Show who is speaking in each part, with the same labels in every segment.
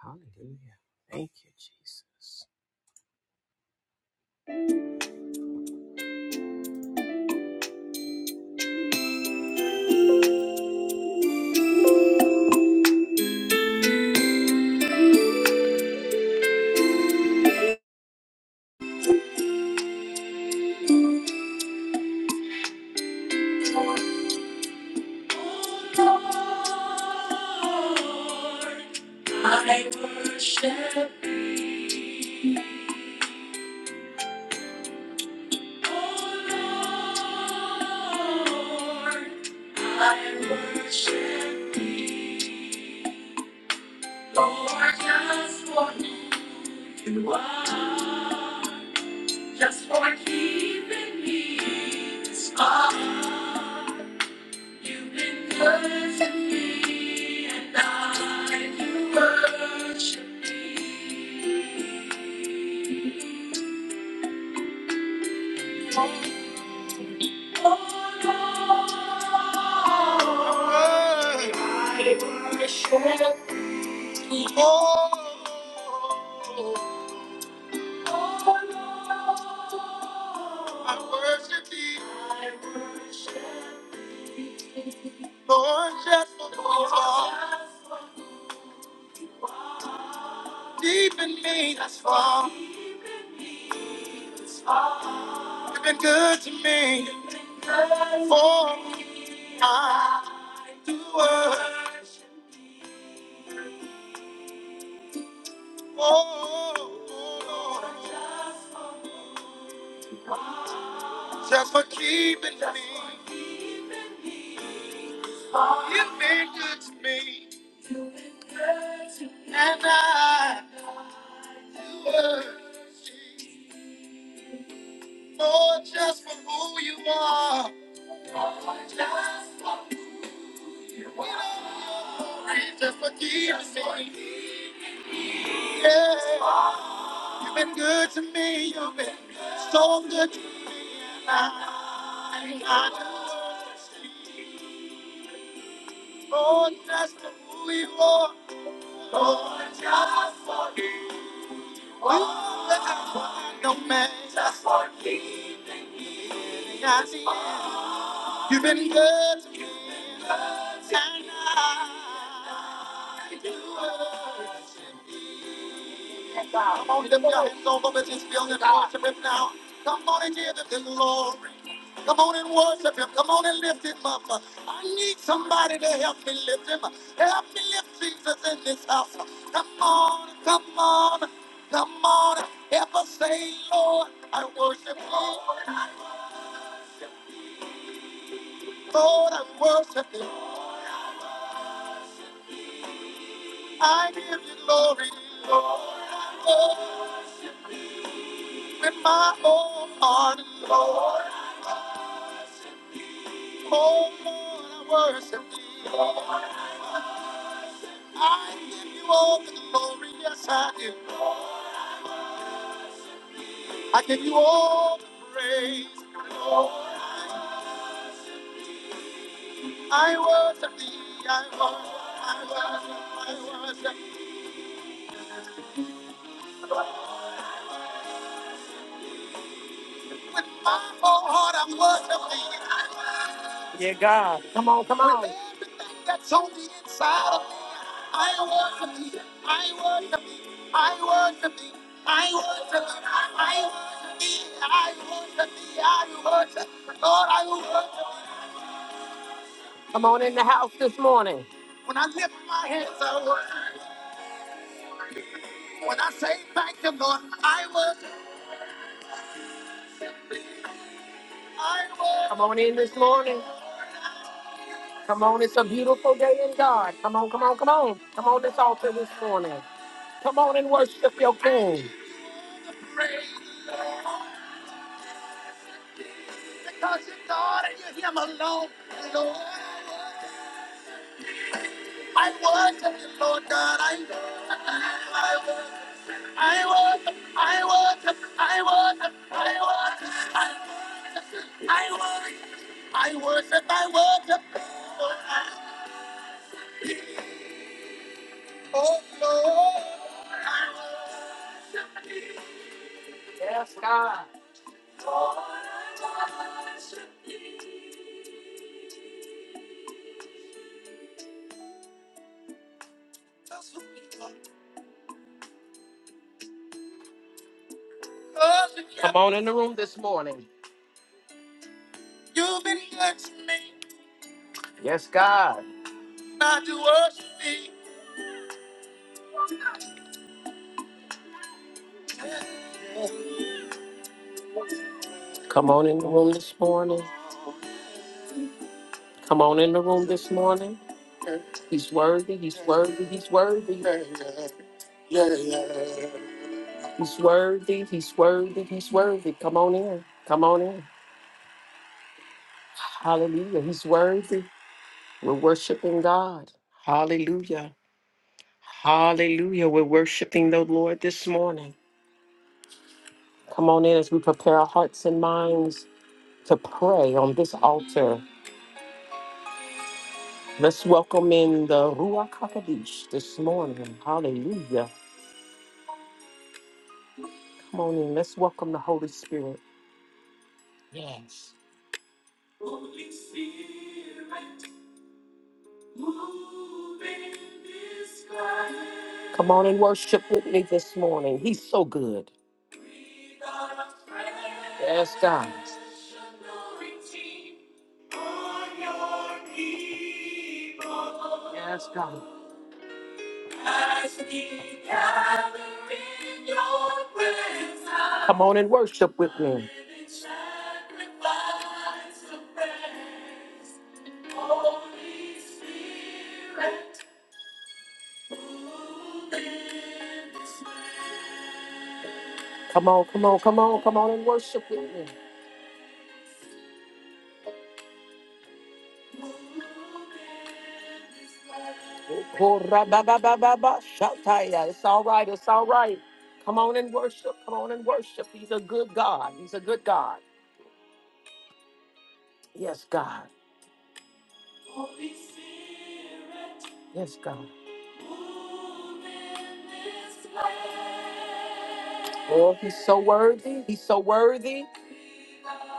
Speaker 1: Hallelujah. Thank you, Jesus. I worship Lord. I worship Lord just for who you are, just for keeping me this far. You've been good to me, and I worship Lord. I worship I worship thee, Lord, just for who you are. Deep in me, that's far. You've been good to me for I do it. Oh, Lord, just for keeping me. You've been good to me, and I do it. Lord, just for who you are. Just forgive me. Yeah. You've been good to me. You've been so good to me. I just Oh, just who you are. Oh, just forgive. Oh, just forgive me. Just forgive. me. You've been good to me, and I do worship you. Come on, lift your hands all over this building and worship him now. Come on and give him the glory. Come on and worship him. Come on and lift him up. I need somebody to help me lift him. Help me lift Jesus in this house. Come on, come on, come on. Ever say, Lord, I worship you. Lord, I worship you. I give you glory, Lord. I worship you. with my whole heart, Lord. Oh, Lord, I worship you. I give you all the glory, yes, I do. I give you all the praise, Lord. I worship thee, I worship, I worship, I worship. With my whole heart, I worship thee. Yeah, God. Come on, come on. With everything that's on the inside of me, I worship thee. I worship thee. I worship thee. I worship thee. I worship thee. I worship thee. I worship thee. Lord, I worship thee. Come on in the house this morning. When I lift my hands, I worship. When I say thank you, Lord, I worship. I worship. Come on in this morning. Come on, it's a beautiful day in God. Come on, come on, come on. Come on, this altar this morning. Come on and worship your King. Praise the Lord, because you're God and you're Him alone, Lord. I worship you, Lord God. I worship, I worship, I worship, I worship, I worship, I worship, I worship, I worship, I worship. Oh, Lord. I worship. Yes, God. Come on in the room this morning. You've been good to me. Yes, God. Not to worship me. Come on in the room this morning. Come on in the room this morning. He's worthy, he's worthy, he's worthy. He's worthy, he's worthy, he's worthy. Come on in. Come on in. Hallelujah. He's worthy. We're worshiping God. Hallelujah. Hallelujah. We're worshiping the Lord this morning. Come on in as we prepare our hearts and minds to pray on this altar. Let's welcome in the Ruach HaKodesh this morning. Hallelujah. Come on in. Let's welcome the Holy Spirit. Yes. Holy Spirit, move in this place. Come on and worship with me this morning. He's so good. Breathe on us fresh Yes, God. anointing on your people. Yes, God. Come on and worship with me. Come on, come on, come on, come on and worship with me. Korababababashataya. It's all right, it's all right. Come on and worship, come on and worship. He's a good God, He's a good God. Yes, God. Holy Spirit, Yes, God. move in this place. Oh, he's so worthy. He's so worthy. Fresh anointing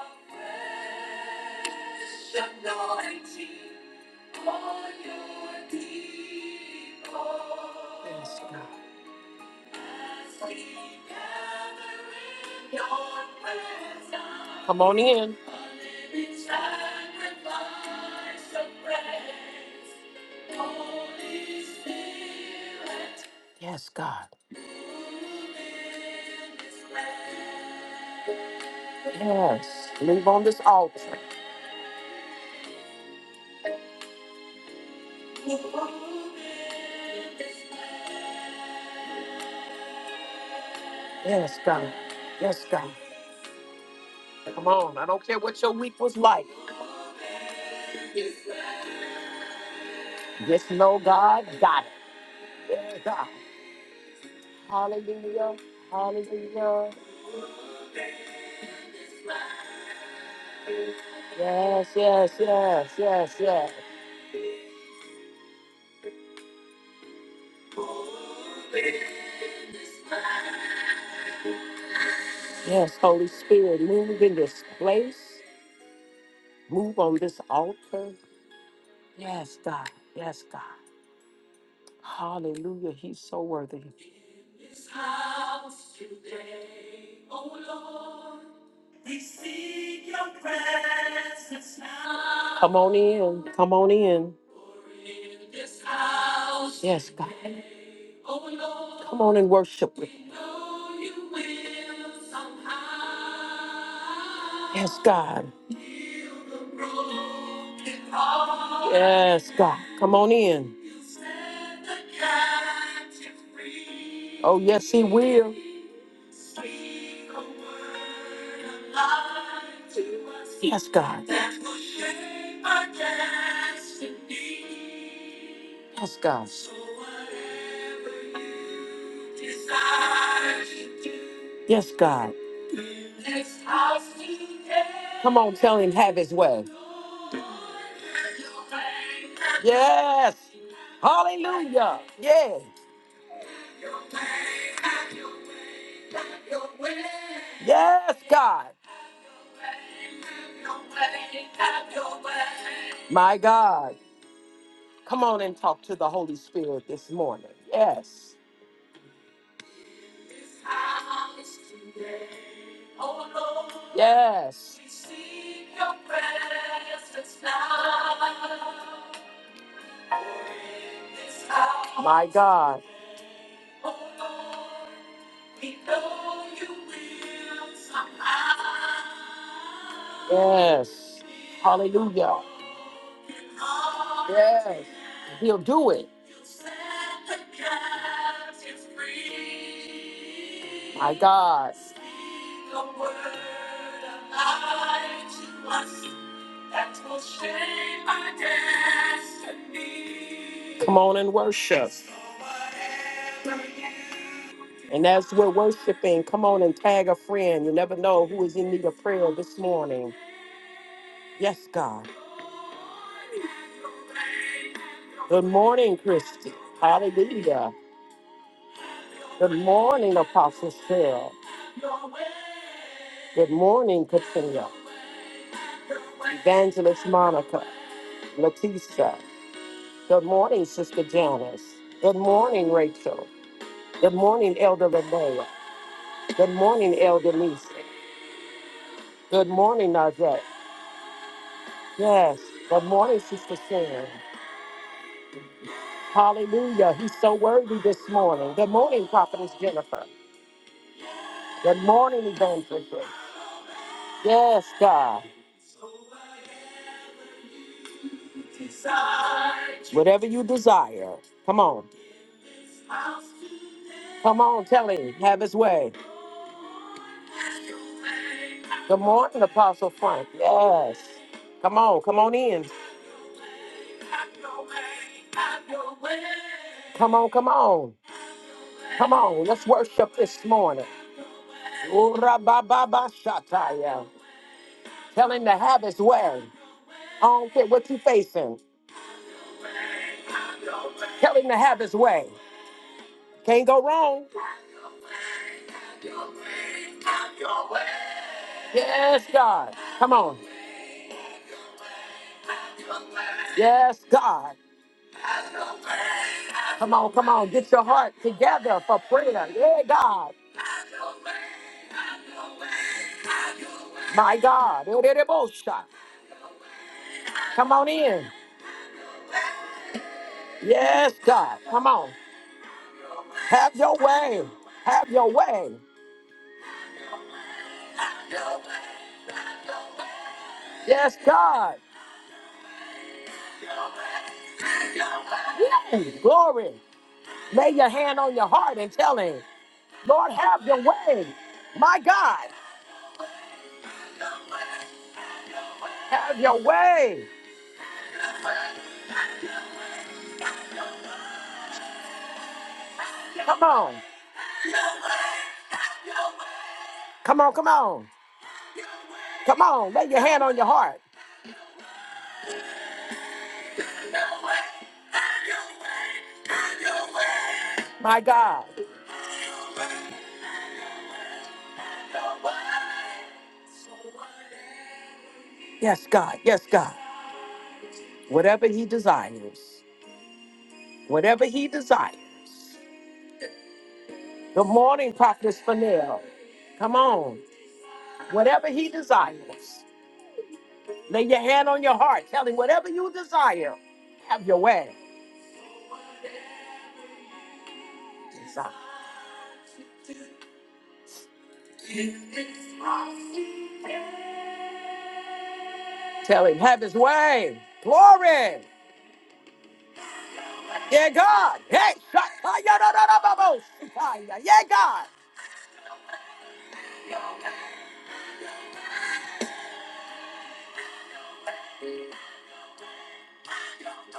Speaker 1: on your people. As we gather in your presence. Come on in. A living sacrifice of praise. Yes, God. Yes. leave on this altar. Yes, God. Yes, God. Come on. I don't care what your week was like. Just know God got it. Yeah, God. Hallelujah. Hallelujah. Yes, yes, yes, yes, yes. Yes, Holy Spirit, move in this place. Move on this altar. Yes, God. Yes, God. Hallelujah. He's so worthy. Come on in. Come on in. Yes, God. Come on and worship with me. Yes, God. Yes, God. Come on in. Oh, yes, He will. Yes, God. Yes, God. Yes, God. Come on, tell him, have his way. Yes. Hallelujah. Yeah. Yes, God. My God. Come on and talk to the Holy Spirit this morning. Yes. Yes. My God. Yes. Hallelujah. Yes. He'll do it. My God. Your word alive to us that will shape our destiny. Come on and worship. So whatever you do. And as we're worshiping, come on and tag a friend. You never know who is in need of prayer this morning. Yes, God. Good morning, Christy. Hallelujah. Good morning, Apostle Cheryl. Good morning, Katrina. Evangelist Monica, Leticia. Good morning, Sister Janice. Good morning, Rachel. Good morning, Elder Lenoa. Good morning, Elder Lisa. Good morning, Najee. Yes. Good morning, Sister Sharon. Hallelujah. He's so worthy this morning. Good morning, Prophetess Jennifer. Good morning, Evangelist. Yes, God. Whatever you desire. Come on. Come on, tell him. Have his way. Good morning, Apostle Frank. Yes. Come on, come on in. Come on, come on. Come on, let's worship this morning. Ura-ba-ba-ba-shataya. Tell him to have his way. I don't care what you facing. Tell him to have his way. Can't go wrong. Yes, God. Come on. Yes, God. Come on, come on. Get your heart together for prayer. Yeah, God. My God. Ererebosa. Come on in. Yes, God. Come on. Have your way. Have your way. Yes, God. Yay. Glory. Lay your hand on your heart and tell him, Lord, have your way. My God. Have your way. Come on. Come on, come on. Come on. Lay your hand on your heart. My God. Yes, God. Yes, God. Whatever he desires. Whatever he desires. Good morning, Prophetess Fanel. Come on. Whatever he desires. Lay your hand on your heart. Tell him whatever you desire. Have your way. Desire. Tell him, have his way. Glory. Yeah, God. Hey, shakayadadadababo, shikaya. yeah, God.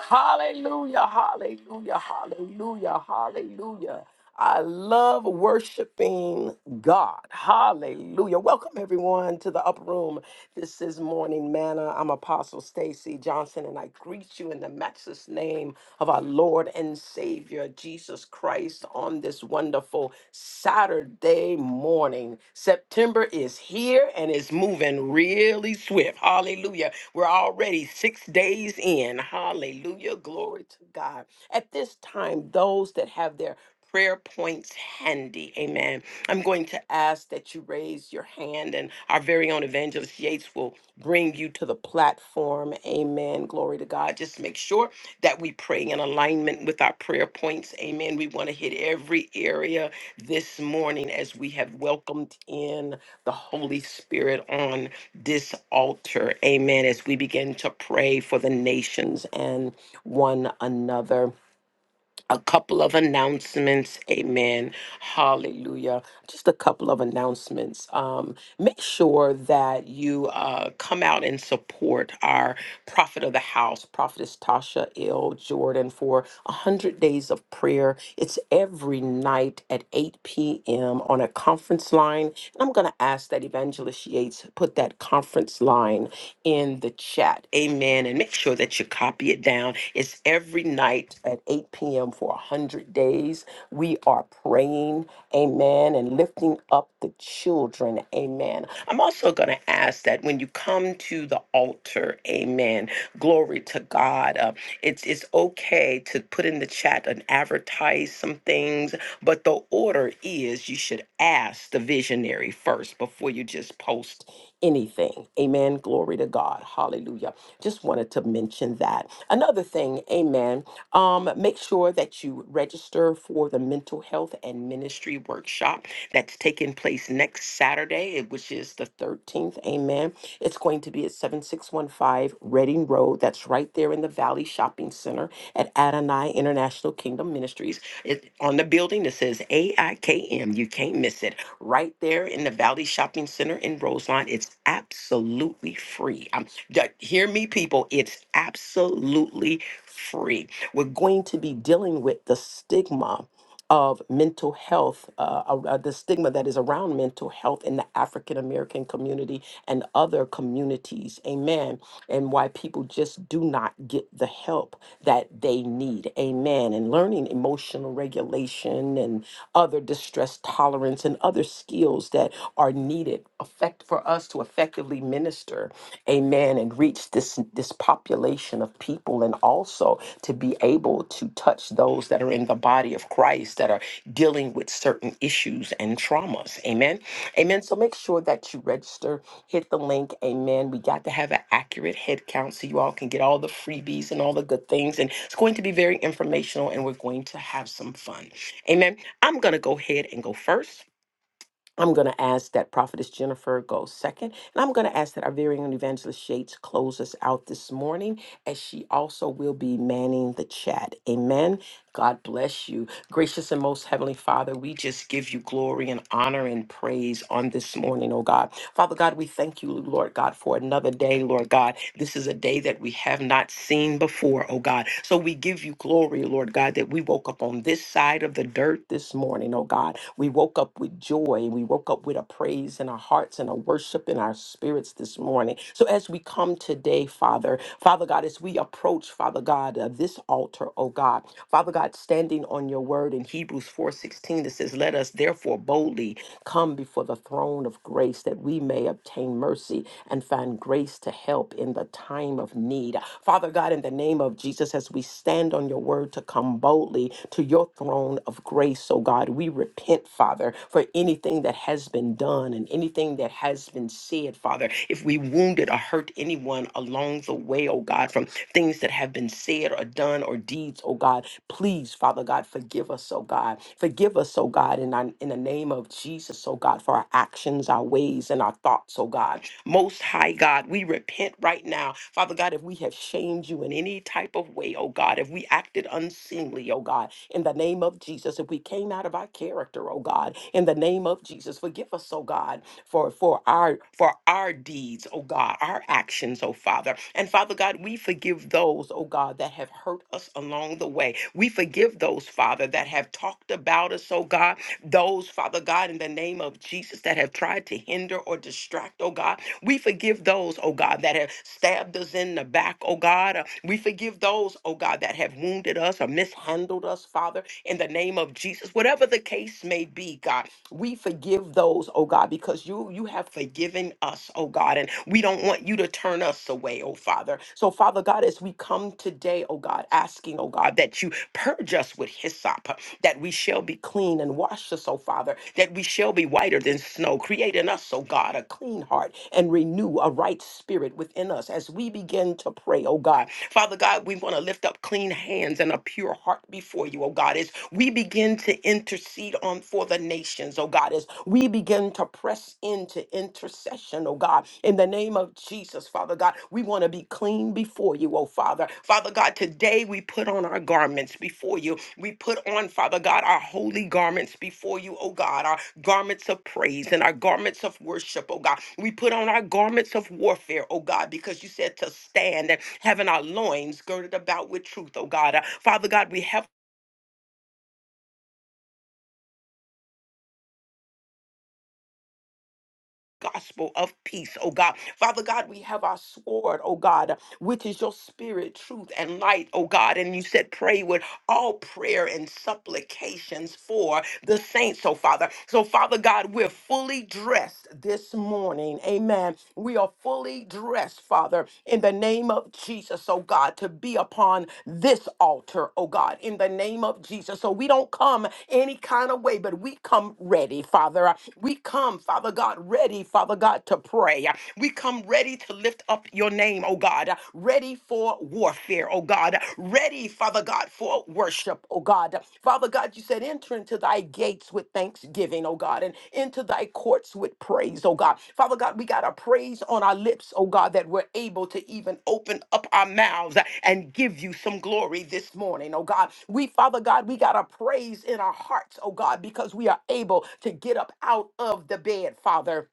Speaker 1: Hallelujah, hallelujah, hallelujah, hallelujah. I love worshiping God. Hallelujah. Welcome everyone to the upper room. This is Morning Manna. I'm Apostle Stacy Johnson, and I greet you in the matchless name of our Lord and Savior Jesus Christ on this wonderful Saturday morning. September is here and it's moving really swift. Hallelujah. We're already six days in. Hallelujah. Glory to God. At this time, those that have their prayer points handy, amen. I'm going to ask that you raise your hand, and our very own evangelist Yates will bring you to the platform. Amen. Glory to God. Just make sure that we pray in alignment with our prayer points. Amen. We want to hit every area this morning as we have welcomed in the Holy Spirit on this altar. Amen. As we begin to pray for the nations and one another a couple of announcements. Amen. Hallelujah. Just a couple of announcements. Um, make sure that you uh, come out and support our prophet of the house, Prophetess Tasha L. Jordan, for 100 days of prayer. It's every night at 8 p.m. on a conference line. And I'm going to ask that Evangelist Yates put that conference line in the chat. Amen. And make sure that you copy it down it down. It's every night at 8 p.m. for 100 days. We are praying, amen, and lifting up the children, amen. I'm also going to ask that when you come to the altar, amen, glory to God, uh, it's, it's okay to put in the chat and advertise some things, but the order is you should ask the visionary first before you just post anything. Amen. Glory to God. Hallelujah. Just wanted to mention that. Another thing, amen. Um, make sure that you register for the mental health and ministry workshop that's taking place next Saturday, eh, which is the 13th. Amen. It's going to be at 7615 Reading Road. That's right there in the Valley Shopping Center at Adonai International Kingdom Ministries. It, on the building, it says AIKM. You can't miss it. Right there in the in the Valley Shopping Center in Roseline. It's absolutely free. I'm, d- hear me, people. It's absolutely free. We're going to be dealing with the stigma of mental health, uh, uh, uh, the stigma that is around mental health in the African American community and other communities. Amen. And why people just do not get the help that they need. Amen. And learning emotional regulation and other distress stress tolerance and other skills that are needed effect for us to effectively minister, amen, and reach this this population of people and also to be able to touch those that are in the body of Christ that are dealing with certain issues and traumas. Amen. Amen. So make sure that you register, hit the link, amen. We got to have an accurate head count so you all can get all the freebies and all the good things. And it's going to be very informational and we're going to have some fun. Amen. I'm going to go ahead and go first. I'm going to ask that Prophetess Jennifer go second. And I'm going to ask that our very own Evangelist Yates close us out this morning, as she also will be manning the chat. Amen. God bless you. Gracious and most heavenly Father, we just give you glory and honor and praise on this morning, oh God. Father God, we thank you, Lord God, for another day, Lord God. This is a day that we have not seen before, oh God. So we give you glory, Lord God, that we woke up on this side of the dirt this morning, oh God. We woke up, we up with joy we woke up with a praise in our hearts and a worship in our spirits this morning. So as we come today, Father, Father God, as we approach, Father God, uh, this altar, oh God, Father God, standing on your word in Hebrews 4:16 that says, "Let us therefore boldly come before the throne of grace that we may obtain mercy and find grace to help in the time of need." Father God, in the name of Jesus, as we stand on your word to come boldly to your throne of grace, oh God, we repent repent, Father, for anything that has been done and anything that has been said, Father. If we wounded or hurt anyone along the way, oh God, from things that have been said or done or deeds, oh God, please, Father God, forgive us, oh God. Forgive us, oh God, in, our, in the name of Jesus, oh God, for our actions, our ways, and our thoughts, oh God. Most High God, we repent right now. Father God, if we have shamed you in any type of way, oh God, if we acted unseemly, oh God, in the name of Jesus, if we came out of of our character, oh God. In the name of Jesus, forgive us, oh God, for for our for our deeds, oh God, our actions, oh Father. And Father God, we forgive those, oh God, that have hurt us along the way. We forgive those, Father, that have talked about us, oh God. Those, Father God, in the name of Jesus, that have tried to hinder or distract, oh God. We forgive those, oh God, that have stabbed us in the back, oh God. Uh, We forgive those, oh God, that have wounded us or mishandled us, Father, in the name of of Jesus. Whatever the case may be, God, we forgive those, oh God, because you you have forgiven us, oh God, and we don't want you to turn us away, oh Father. So, Father God, as we come today, oh God, asking, oh God, that you purge us with hyssop, that we shall be clean and wash us, oh Father, that we shall be whiter than snow. Create in us, oh God, a clean heart and renew a right spirit within us as we begin to pray, oh God. Father God, we want to lift up clean hands and a pure heart before you, oh God God, as we begin to intercede on for the nations, oh God, as we begin to press into intercession, oh God, in the name of Jesus, Father God, we want to be clean before you, oh Father. Father God, today we put on our garments before you. We put on, Father God, our holy garments before you, oh God, our garments of praise and our garments of worship, oh God. We put on our garments of warfare, oh God, because you said to stand and having our loins girded about with truth, oh God. Uh, Father God, we have gospel of peace, oh God. Father God, we have our sword, oh God, which is your spirit, truth, and light, oh God. And you said, pray with all prayer and supplications for the saints, oh Father. So, Father God, we're fully dressed this morning. Amen. We are fully dressed, Father, in the name of Jesus, oh God, to be upon this altar, oh God, in the name of Jesus. So we don't come any kind of way, but we come ready, Father. We come, Father God, ready, Father God, to pray. We come ready to lift up your name, oh God. God, ready for warfare, oh God, ready, Father God, for worship, oh God. Father God, you said, enter into thy gates with thanksgiving, oh God, and into thy courts with praise, oh God. Father God, we got a praise on our lips, oh God, that we're able to even open up our mouths and give you some glory this morning, oh God. We, Father God, we got a praise in our hearts, oh God, because we are able to get up out of the bed, Father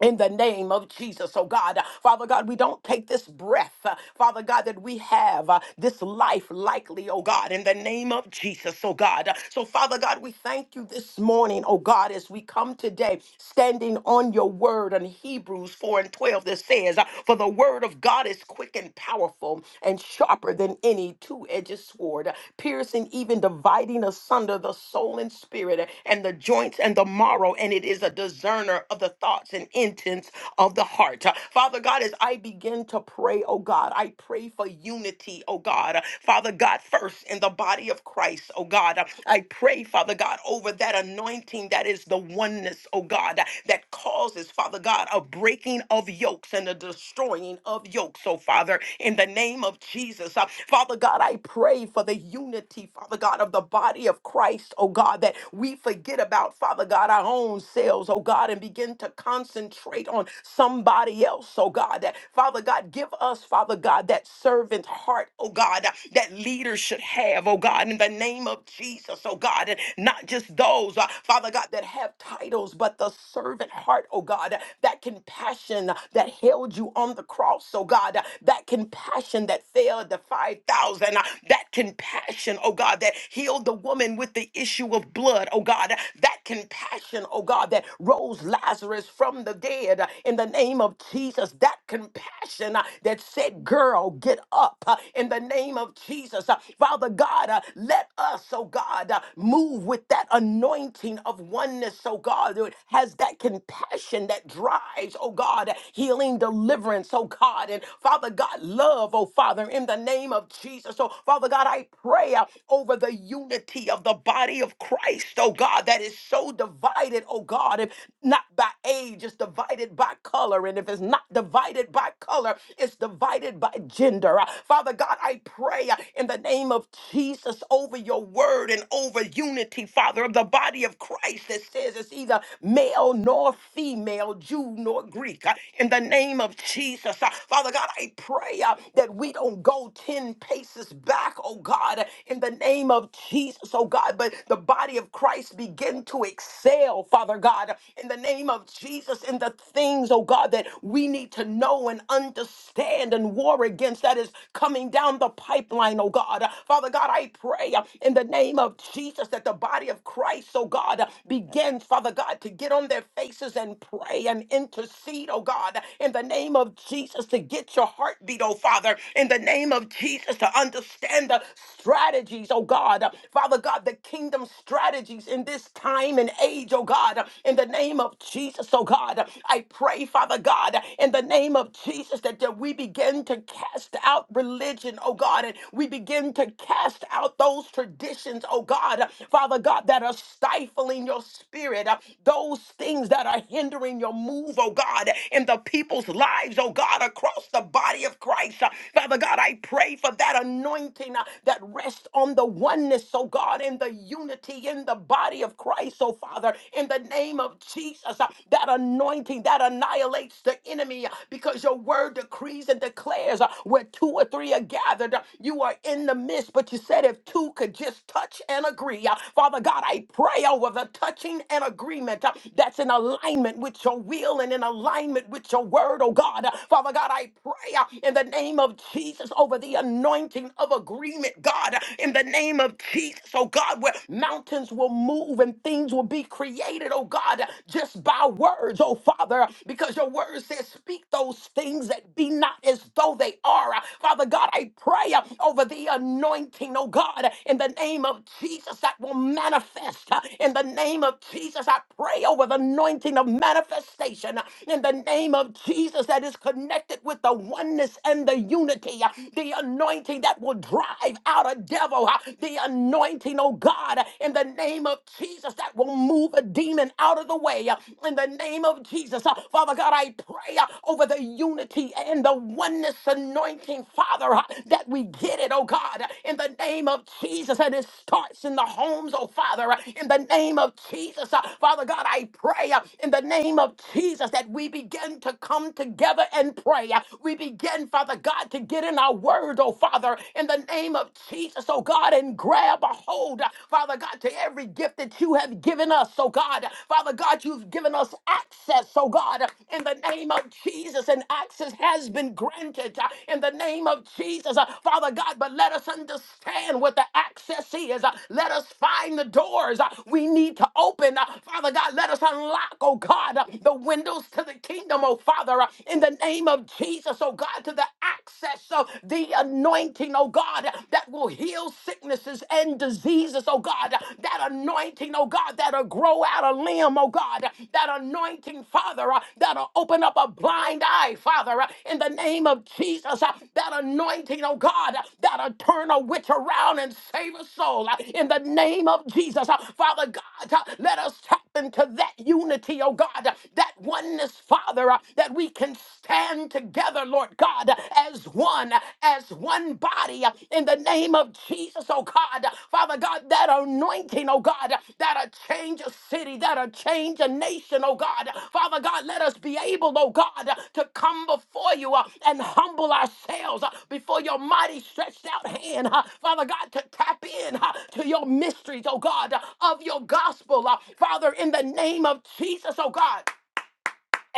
Speaker 1: in the name of Jesus, oh God. Father God, we don't take this breath, uh, Father God, that we have uh, this life likely, oh God, in the name of Jesus, oh God. So, Father God, we thank you this morning, oh God, as we come today standing on your word in Hebrews 4 and 12 that says, uh, For the word of God is quick and powerful and sharper than any two edged sword, piercing even dividing asunder the soul and spirit and the joints and the marrow, and it is a discerner discerner of the thoughts and intents of the heart. Father God, as I begin to pray, oh God, I pray for unity, oh God. Father God, first in the body of Christ, oh God, I pray, Father God, over that anointing that is the oneness, oh God, that causes, Father God, a breaking of yokes and a destroying of yokes, oh Father, in the name of Jesus. Uh, Father God, I pray for the unity, Father God, of the body of Christ, oh God, that we forget about, Father God, our own own selves, oh God, and begin to concentrate on somebody else, oh God. That Father God, give us, Father God, that servant heart, oh God, that leaders should have, oh God, in the name of Jesus, oh God, and not just those, uh, Father God, that have titles, but the servant heart, oh God, that compassion that held you on the cross, oh God, that compassion that failed the 5,000, uh, that compassion, oh God, that healed the woman with the issue of blood, oh God, that compassion, oh God, that rose Lazarus from the dead uh, in the name of Jesus, that compassion uh, that said, Girl, get up uh, in the name of Jesus. Uh, Father God, uh, let us, oh God, uh, move with that anointing of oneness, oh God, that has that compassion that drives, oh God, healing, deliverance, oh God, and Father God, love, oh Father, in the name of Jesus. So, Father God, I pray uh, over the unity of the body of Christ, oh God, that is so divided, oh God, if not by age, it's divided by color. And if it's not divided by color, it's divided by gender. Uh, Father God, I pray uh, in the name of Jesus over your word and over unity, Father, of the body of Christ that says it's either male nor female, Jew nor Greek. Uh, In the name of Jesus, uh, Father God, I pray uh, that we don't go 10 paces back, oh God, in the name of Jesus. Jesus, oh God, but the body of Christ begin to excel, Father God, in the name of Jesus, in the things, oh God, that we need to know and understand and war against that is coming down the pipeline, oh God. Father God, I pray uh, in the name of Jesus that the body of Christ, oh God, uh, begins, Father God, to get on their faces and pray and intercede, oh God, in the name of Jesus, to get your heartbeat, oh Father, in the name of Jesus, to understand the strategy strategies, oh God. Uh, Father God, the kingdom strategies in this time and age, oh God. Uh, In the name of Jesus, oh God. Uh, I pray, Father God, uh, in the name of Jesus, that uh, we begin to cast out religion, oh God, and we begin to cast out those traditions, oh God. Uh, Father God, that are stifling your spirit, Uh, those things that are hindering your move, oh God, in the people's lives, oh God, across the body of Christ. Uh, Father God, I pray for that anointing anointing uh, that rests on the oneness, oh God, in the unity in the body of Christ, oh Father, in the name of Jesus. uh, That anointing that annihilates the enemy uh, because your word decrees and declares uh, where two or three are gathered, uh, you are in the midst. But you said if two could just touch and agree, uh, Father God, I pray over the touching and agreement uh, that's in alignment with your will and in alignment with your word, oh God. Uh, Father God, I pray uh, in the name of Jesus over the the anointing of agreement, God, in the name of Jesus, oh God, where mountains will move and things will be created, oh God, just by words, oh Father, because your word says, speak those things that be not as though they are. Father God, I pray uh, over the anointing, oh God, in the name of Jesus that will manifest. Uh, In the name of Jesus, I pray over the anointing of manifestation. Uh, In the name of Jesus that is connected with the oneness and the unity, uh, the anointing that will drive out a devil, uh, the anointing, oh God, uh, in the name of Jesus, that will move a demon out of the way, uh, in the name of Jesus. uh, Father God, I pray uh, over the unity and the oneness anointing, Father, uh, that we get it, oh God, uh, in the name of Jesus, and it starts in the homes, oh Father, uh, in the name of Jesus. uh, Father God, I pray uh, in the name of Jesus that we begin to come together and pray. uh, we begin, Father God, to get in our word, oh Father, in the name of Jesus, oh God, and grab a hold, Father God, to every gift that you have given us, oh God. Father God, you've given us access, oh God, in the name of Jesus, and access has been granted uh, in the name of Jesus, uh, Father God. But let us understand what the access is. uh, Let us find the doors uh, we need to open, uh, Father God. Let us unlock, oh God, uh, the windows to the kingdom, oh Father, uh, in the name of Jesus, oh God, to the access of the anointing, oh God, that will heal sicknesses and diseases, oh God. That anointing, oh God, that'll grow out a limb, oh God. That anointing, Father, uh, that'll open up a blind eye, Father, uh, in the name of Jesus. uh, That anointing, oh God, uh, that'll turn a witch around and save a soul, uh, in the name of Jesus. Uh, Father God, uh, let us tap into that unity, oh God, uh, that oneness, Father. Father, uh, that we can stand together, Lord God, uh, as one, uh, as one body uh, in the name of Jesus, oh God. Uh, Father God, that anointing, oh God, uh, that'll change a city, that'll change a nation, oh God. Uh, Father God, let us be able, oh God, uh, to come before you uh, and humble ourselves uh, before your mighty stretched out hand, uh, Father God, to tap in uh, to your mysteries, oh God, uh, of your gospel, uh, Father, in the name of Jesus, oh God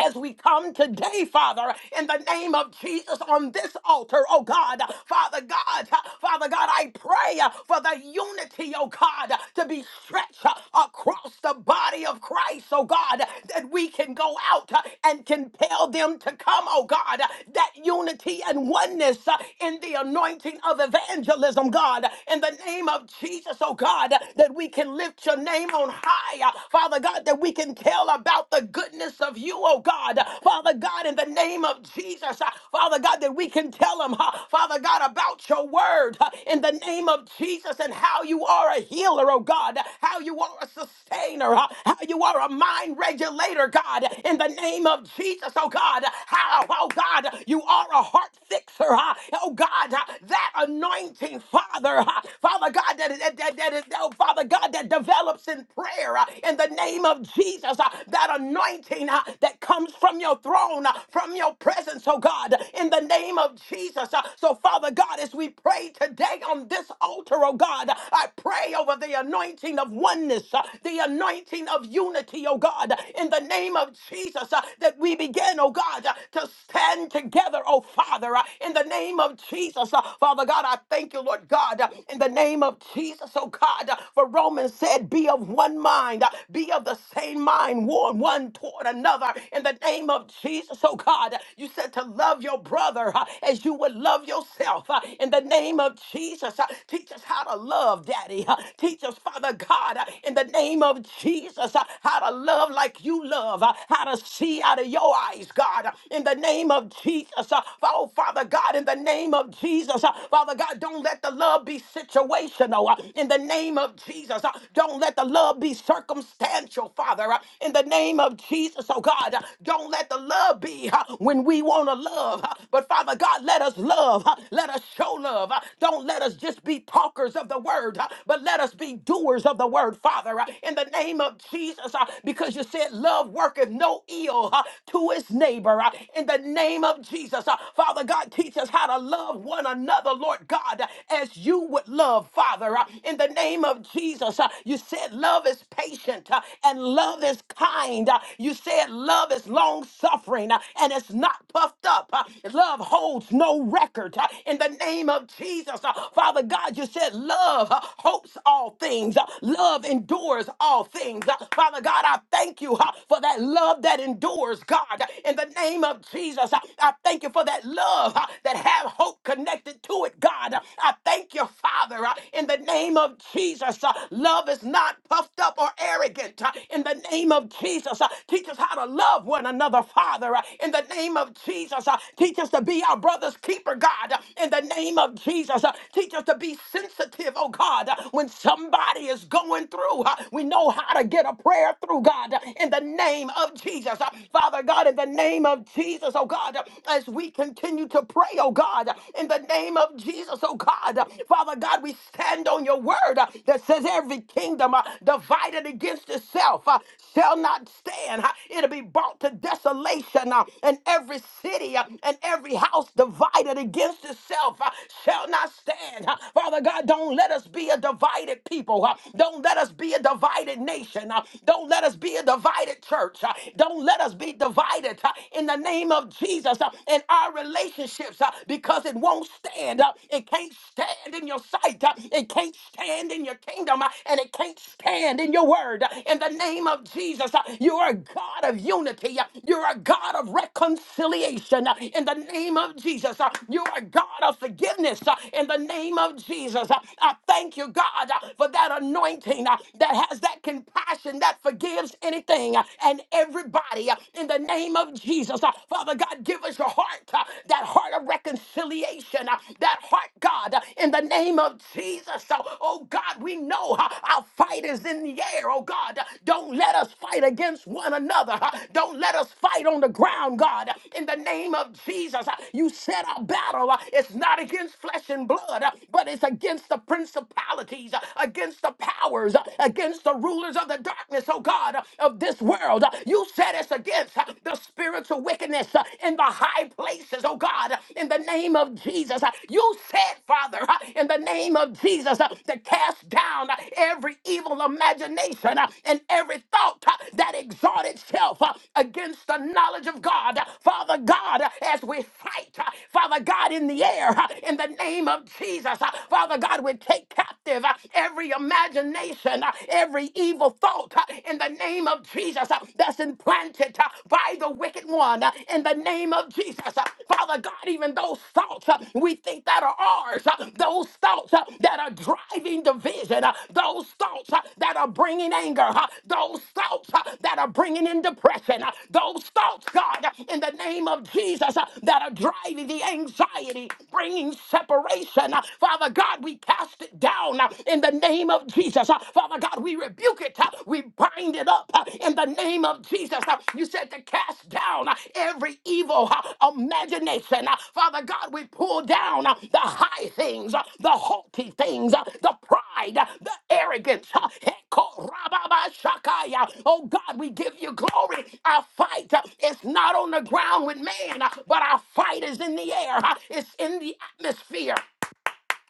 Speaker 1: as we come today, Father, in the name of Jesus on this altar, oh God, Father God, Father God, I pray for the unity, oh God, to be stretched across the body of Christ, oh God, that we can go out and compel them to come, oh God, that unity and oneness in the anointing of evangelism, God, in the name of Jesus, oh God, that we can lift your name on high, Father God, that we can tell tell about the goodness of you, oh God. Father God, in the name of Jesus, uh, Father God, that we can tell them, uh, Father God, about your word uh, in the name of Jesus and how you are a healer, oh God, how you are a sustainer, uh, how you are a mind regulator, God, in the name of Jesus, oh God, how, oh God, you are a heart fixer, uh, oh God, uh, that anointing, Father, uh, Father God, that, that, that, that is, oh Father God, that develops in prayer prayer uh, in the name of Jesus. uh, That anointing uh, that comes from your throne, uh, from your presence, oh God, in the name of Jesus. uh, So, Father God, as we pray today on this altar, oh God, I pray over the anointing of oneness, uh, the anointing of unity, oh God, in the name of Jesus, uh, that we begin, oh God, uh, to stand together, oh Father, uh, in the name of Jesus. uh, Father God, I thank you, Lord God, uh, in the name of Jesus, oh God, uh, for Romans said, Be of one mind, uh, be of the same mind, warn one toward another. In the name of Jesus, oh God, you said to love your brother uh, as you would love yourself. uh, In the name of Jesus, uh, teach us how to love, Daddy. uh, Teach us, Father God, uh, in the name of Jesus, uh, how to love like you love, uh, how to see out of your eyes, God, uh, in the name of Jesus. uh, Oh, Father God, in the name of Jesus, uh, Father God, don't let the love be situated situational uh, in the name of Jesus. uh, Don't let the love be circumstantial, Father, uh, in the name of Jesus. Oh God, uh, don't let the love be uh, when we want to love, uh, but Father God, let us love, uh, let us show love. uh, Don't let us just be talkers of the word, uh, but let us be doers of the word, Father, uh, in the name of Jesus, uh, because you said love worketh no ill uh, to its neighbor, uh, in the name of Jesus. uh, Father God, teach us how to love one another, Lord. Lord God, as you would love, Father, uh, in the name of Jesus. uh, You said love is patient uh, and love is kind. uh, You said love is long suffering and it's not puffed up. uh, Love holds no record uh, in the name of Jesus. uh, Father God, you said love uh, hopes all things, uh, love endures all things. uh, Father God, I thank you uh, for that love that endures, God, in the name of Jesus. uh, I thank you for that love love, that have hope connected to it, God. I thank you, Father, uh, in the name of Jesus. uh, Love is not puffed up or arrogant. uh, In the name of Jesus, uh, teach us how to love one another, Father. uh, In the name of Jesus, uh, teach us to be our brother's keeper, God. uh, In the name of Jesus, uh, teach us to be sensitive, oh God, uh, when somebody is going through. uh, We know how to get a prayer through, God, uh, in the name of Jesus. uh, Father God, in the name of Jesus, oh God. God, as we continue to pray, oh God, in the name of Jesus, oh God. Father God, we stand on your word uh, that says every kingdom uh, divided against itself uh, shall not stand. Uh, It'll be brought to desolation, uh, and every city uh, and every house divided against itself uh, shall not stand. Uh, Father God, don't let us be a divided people. uh, Don't let us be a divided nation. uh, Don't let us be a divided church. uh, Don't let us be divided divided uh, in the name of Jesus uh, in our relationships uh, because it won't stand. uh, It can't stand in your sight. uh, It can't stand in your kingdom. uh, And it can't stand in your word. uh, In the name of Jesus, uh, you are a God of unity. uh, You're a God of reconciliation. uh, In the name of Jesus, uh, you are a God of forgiveness. uh, In the name of Jesus, uh, I thank you, God, uh, for that anointing uh, that has that compassion that forgives anything uh, and everybody uh, in the name of Jesus. Uh, Father God, give us your heart, uh, that heart of reconciliation, uh, that heart, God, uh, in the name of Jesus. So, oh God, we know uh, our fight is in the air. Oh God, Uh, don't let us fight against one another. Uh, Don't let us fight on the ground, God, Uh, in the name of Jesus. uh, You said our battle uh, is not against flesh and blood, uh, but it's against the principalities, uh, against the powers, uh, against the rulers of of the darkness, oh God, of this world. You set us against the spiritual wickedness in the high places, oh God, in the name of Jesus. You said, Father, in the name of Jesus, to cast down every evil imagination and every thought that exalted itself against the knowledge of God. Father God, as we fight, Father God, in the air, in the name of Jesus, Father God, we take captive every imagination imagination, uh, every evil thought uh, in the name of Jesus uh, that's implanted uh, by the wicked one uh, in the name of Jesus. Uh, Father God, even those thoughts uh, we think that are ours, uh, those thoughts uh, that are driving division, uh, those thoughts uh, that are bringing anger, uh, those thoughts uh, that are bringing in depression, uh, those thoughts, God, uh, in the name of Jesus, uh, that are driving the anxiety, bringing separation. Uh, Father God, we cast it cast it down uh, in the name of Jesus. Uh, Father God, we rebuke it. uh, We bind it up uh, in the name of Jesus. Uh, You said to cast down uh, every evil uh, imagination. Uh, Father God, we pull down uh, the high things, uh, the haughty things, uh, the pride, uh, the arrogance. uh, Ekorababashakaya. Oh God, we give you glory. Our fight uh, is not on the ground with man, uh, but our fight is in the air. uh, It's in the atmosphere.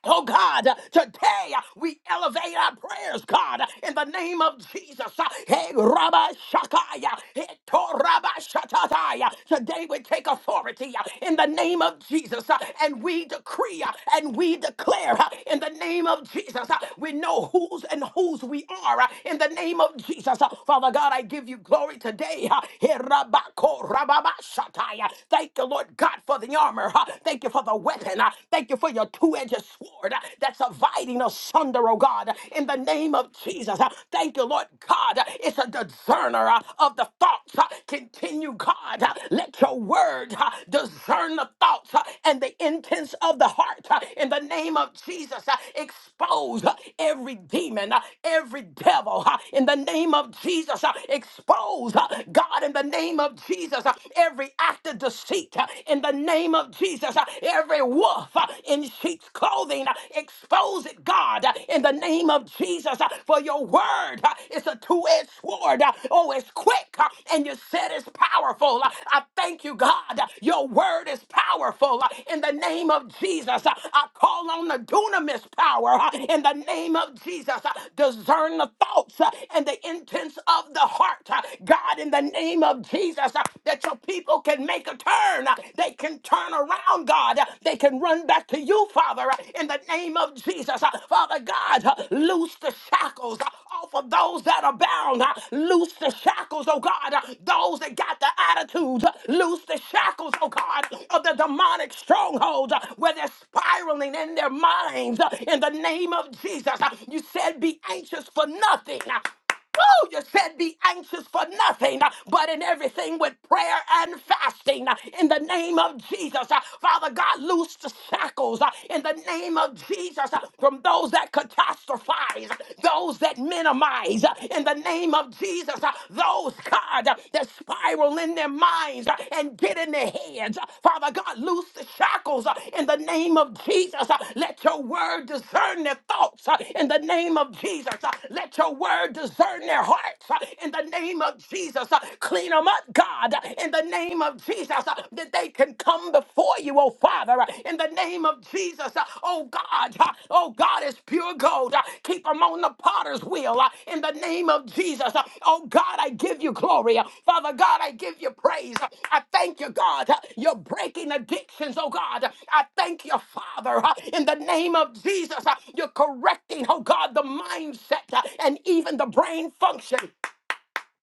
Speaker 1: Oh God, uh, today uh, we elevate our prayers, God, uh, in the name of Jesus. Uh, Hey, Rabbi Shakaya, hey, To Rabbi Shatataya. Today we take authority uh, in the name of Jesus, uh, and we decree uh, and we declare uh, in the name of Jesus. uh, We know whose and whose we are uh, in the name of Jesus. Uh, Father God, I give you glory today. uh, Hey, Rabbi Ko Rabbi Shataya. Thank you, Lord God, for the armor. uh, Thank you for the weapon. uh, Thank you for your two-edged sword uh, that's dividing asunder, oh God, in the name of Jesus. Uh, Thank you, Lord God. Uh, It's a discerner uh, of the thoughts. Uh, Continue, God. Uh, Let your word uh, discern the thoughts uh, and the intents of the heart uh, in the name of Jesus. Uh, Expose uh, every demon, uh, every devil uh, in the name of Jesus. Uh, Expose, uh, God, in the name of Jesus, uh, every act of deceit uh, in the name of of Jesus. Uh, Every wolf uh, in sheep's clothing, uh, expose it, God, uh, in the name of Jesus. Uh, For your word uh, is a two edged sword. Uh, Oh, it's quick uh, and you said it's powerful. Uh, I thank you, God. Uh, Your word is powerful Uh, in the name of Jesus. uh, I call on the dunamis power uh, in the name of Jesus. Uh, Discern the thoughts uh, and the intents of the heart. Uh, God, in the name of Jesus, uh, that your people can make a turn turn. Uh, They can turn around, God. Uh, They can run back to you, Father, uh, in the name of Jesus. Uh, Father God, uh, loose the shackles uh, off of those that are bound. Uh, Loose the shackles, oh God, Uh, those that got the attitudes. uh, Loose the shackles, oh God, of the demonic strongholds uh, where they're spiraling in their minds. uh, In the name of Jesus, Uh, you said, be anxious for nothing. Uh, Oh, you said be anxious for nothing, uh, but in everything with prayer and fasting. uh, In the name of Jesus, Uh, Father God, loose the shackles uh, in the name of Jesus uh, from those that catastrophize, uh, those that minimize, uh, in the name of Jesus, uh, those, God, uh, that spiral in their minds uh, and get it in their heads, Father God, loose the shackles uh, in the name of Jesus. Uh, Let your word discern their thoughts uh, in the name of Jesus. Uh, Let your word discern their hearts uh, in the name of Jesus. Uh, Clean them up, God, uh, in the name of Jesus, uh, that they can come before you, oh Father, uh, in the name of Jesus. Uh, Oh God, uh, oh God, is pure gold. Uh, Keep them on the potter's wheel uh, in the name of Jesus. Uh, Oh God, I give you glory. Uh, Father God, I give you praise. Uh, I thank you, God. Uh, You're breaking addictions, oh God. Uh, I thank you, Father, uh, in the name of Jesus. Uh, You're correcting, oh God, the mindset uh, and even the brain function.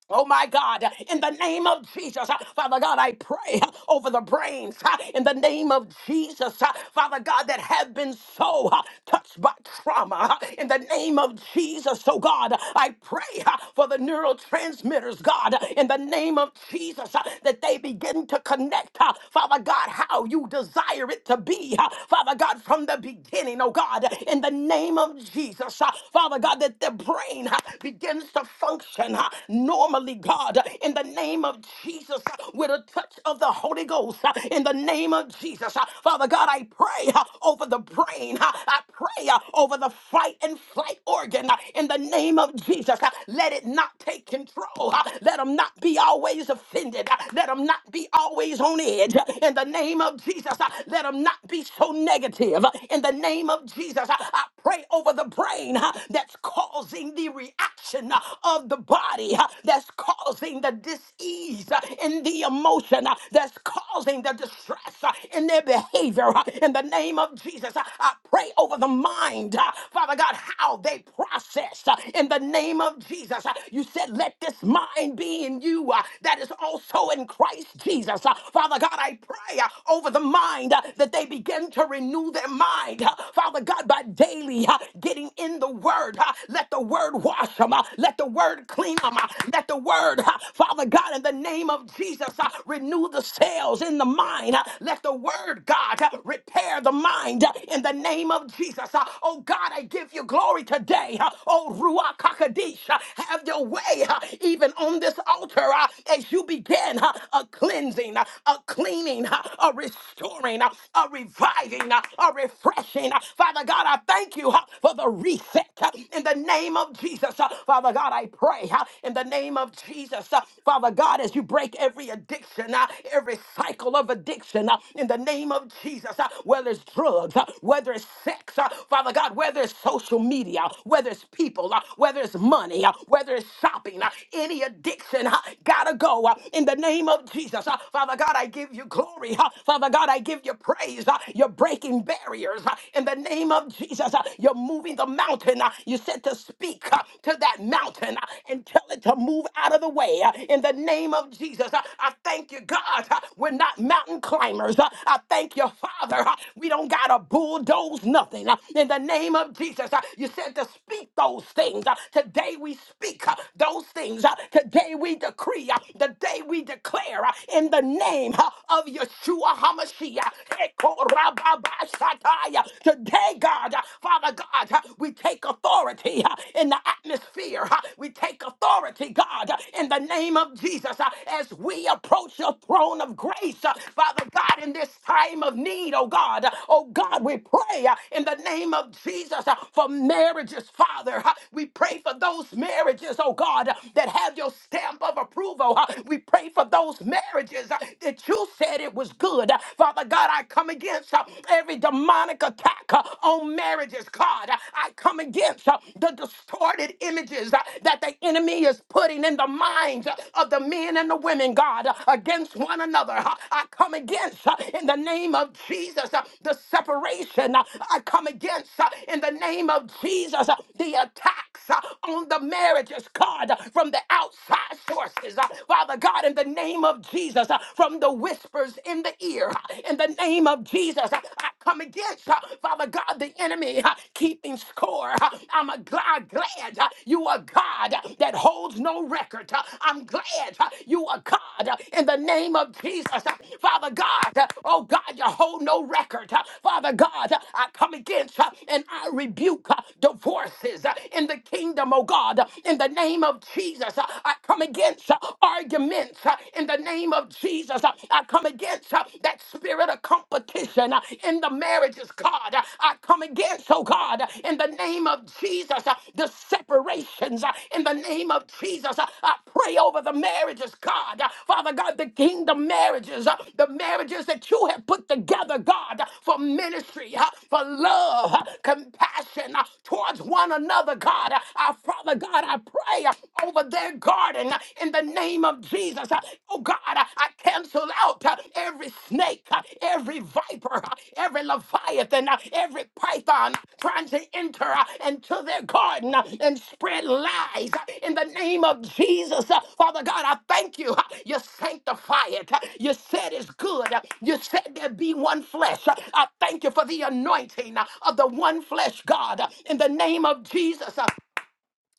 Speaker 1: Oh my God, in the name of Jesus, uh, Father God, I pray uh, over the brains uh, in the name of Jesus, uh, Father God, that have been so uh, touched by trauma uh, in the name of Jesus. Oh God, uh, I pray uh, for the neurotransmitters, God, uh, in the name of Jesus, uh, that they begin to connect, uh, Father God, how you desire it to be, uh, Father God, from the beginning, oh God, in the name of Jesus, uh, Father God, that their brain uh, begins to function uh, normally, God, uh, in the name of Jesus, uh, with a touch of the Holy Ghost, uh, in the name of Jesus. uh, Father God, I pray uh, over the brain. uh, I pray uh, over the fight and flight organ uh, in the name of Jesus. uh, Let it not take control. uh, Let them not be always offended. uh, Let them not be always on edge. uh, In the name of Jesus, uh, let them not be so negative. uh, In the name of Jesus, uh, I pray over the brain uh, that's caught causing the reaction uh, of the body uh, that's causing the disease uh, in the emotion uh, that's causing the distress uh, in their behavior. uh, In the name of Jesus, uh, I pray over the mind, uh, Father God, how they process uh, in the name of Jesus. Uh, You said, Let this mind be in you uh, that is also in Christ Jesus. Uh, Father God, I pray uh, over the mind uh, that they begin to renew their mind, uh, Father God, by daily daily getting in the word. huh? Let the word wash them. Let the word clean them. Let the word, huh, Father God, in the name of Jesus, huh, renew the sails in the mind. huh? Let the word, God, huh, repair the mind huh, in the name of Jesus. huh? Oh God, I give you glory today. huh? Oh Ruach HaKodesh, huh, have your way huh, even on this altar huh, as you begin huh, a cleansing, huh, a cleaning, huh, a restoring, huh, a reviving, huh, a refreshing. huh? Father God, I thank you uh, for the reset uh, in the name of Jesus. Uh, Father God, I pray uh, in the name of Jesus. uh, Father God, as you break every addiction, uh, every cycle of addiction uh, in the name of Jesus, uh, whether it's drugs, uh, whether it's sex, uh, Father God, whether it's social media, whether it's people, uh, whether it's money, uh, whether it's shopping, uh, any addiction, uh, gotta go uh, in the name of Jesus. Uh, Father God, I give you glory. uh, Father God, I give you praise. Uh, you're breaking barriers uh, in the name of Jesus. uh, You're moving the mountain. uh, You said to speak uh, to that mountain uh, and tell it to move out of the way uh, in the name of Jesus. Uh, I thank you, God. uh, We're not mountain climbers. Uh, I thank you, Father. uh, We don't got to bulldoze nothing uh, in the name of Jesus. Uh, You said to speak those things. Uh, Today we speak uh, those things. Uh, Today we decree. uh, Today we declare uh, in the name uh, of Yeshua. Hamashiach. Eko rababashataya. Today, God, uh, Father God, uh, we take authority uh, in the atmosphere. uh, We take authority, God, uh, in the name of Jesus uh, as we approach your throne of grace. uh, Father God, in this time of need, oh God, uh, oh God, we pray uh, in the name of Jesus uh, for marriages, Father. uh, We pray for those marriages, oh God, uh, that have your stamp of approval. uh, We pray for those marriages marriages that you said it was good. Uh, Father God, I come against uh, every demonic attack uh, on marriages, God. Uh, I come against uh, the distorted images uh, that the enemy is putting in the minds uh, of the men and the women, God, uh, against one another. Uh, I come against uh, in the name of Jesus uh, the separation. Uh, I come against uh, in the name of Jesus uh, the attacks uh, on the marriages, God, uh, from the outside sources. Uh, Father God, in God, in the name of Jesus, uh, from the whispers in the ear, uh, in the name of Jesus, uh, I come against, uh, Father God, the enemy uh, keeping score. uh, I'm a gl- I'm glad uh, you are God uh, that holds no record. uh, I'm glad uh, you are God uh, in the name of Jesus, uh, Father God. uh, Oh God, you hold no record. uh, Father God, uh, I come against uh, and I rebuke uh, divorces uh, in the kingdom, oh God, uh, in the name of Jesus. uh, I come come against uh, arguments uh, in the name of Jesus. Uh, I come against uh, that spirit of competition uh, in the marriages, God. Uh, I come against, oh God, uh, in the name of Jesus, uh, the separations uh, in the name of Jesus. Uh, I pray over the marriages, God. Uh, Father God, the kingdom marriages, uh, the marriages that you have put together, God, uh, for ministry, uh, for love, uh, compassion uh, towards one another, God. Uh, I, Father God, I pray pray uh, over their garden uh, in the name of Jesus. Uh, Oh God, uh, I cancel out uh, every snake, uh, every viper, uh, every leviathan, uh, every python trying to enter uh, into their garden uh, and spread lies uh, in the name of Jesus. Uh, Father God, I thank you. uh, You sanctify it. Uh, You said it's good. Uh, You said there be one flesh. Uh, I thank you for the anointing uh, of the one flesh God uh, in the name of Jesus.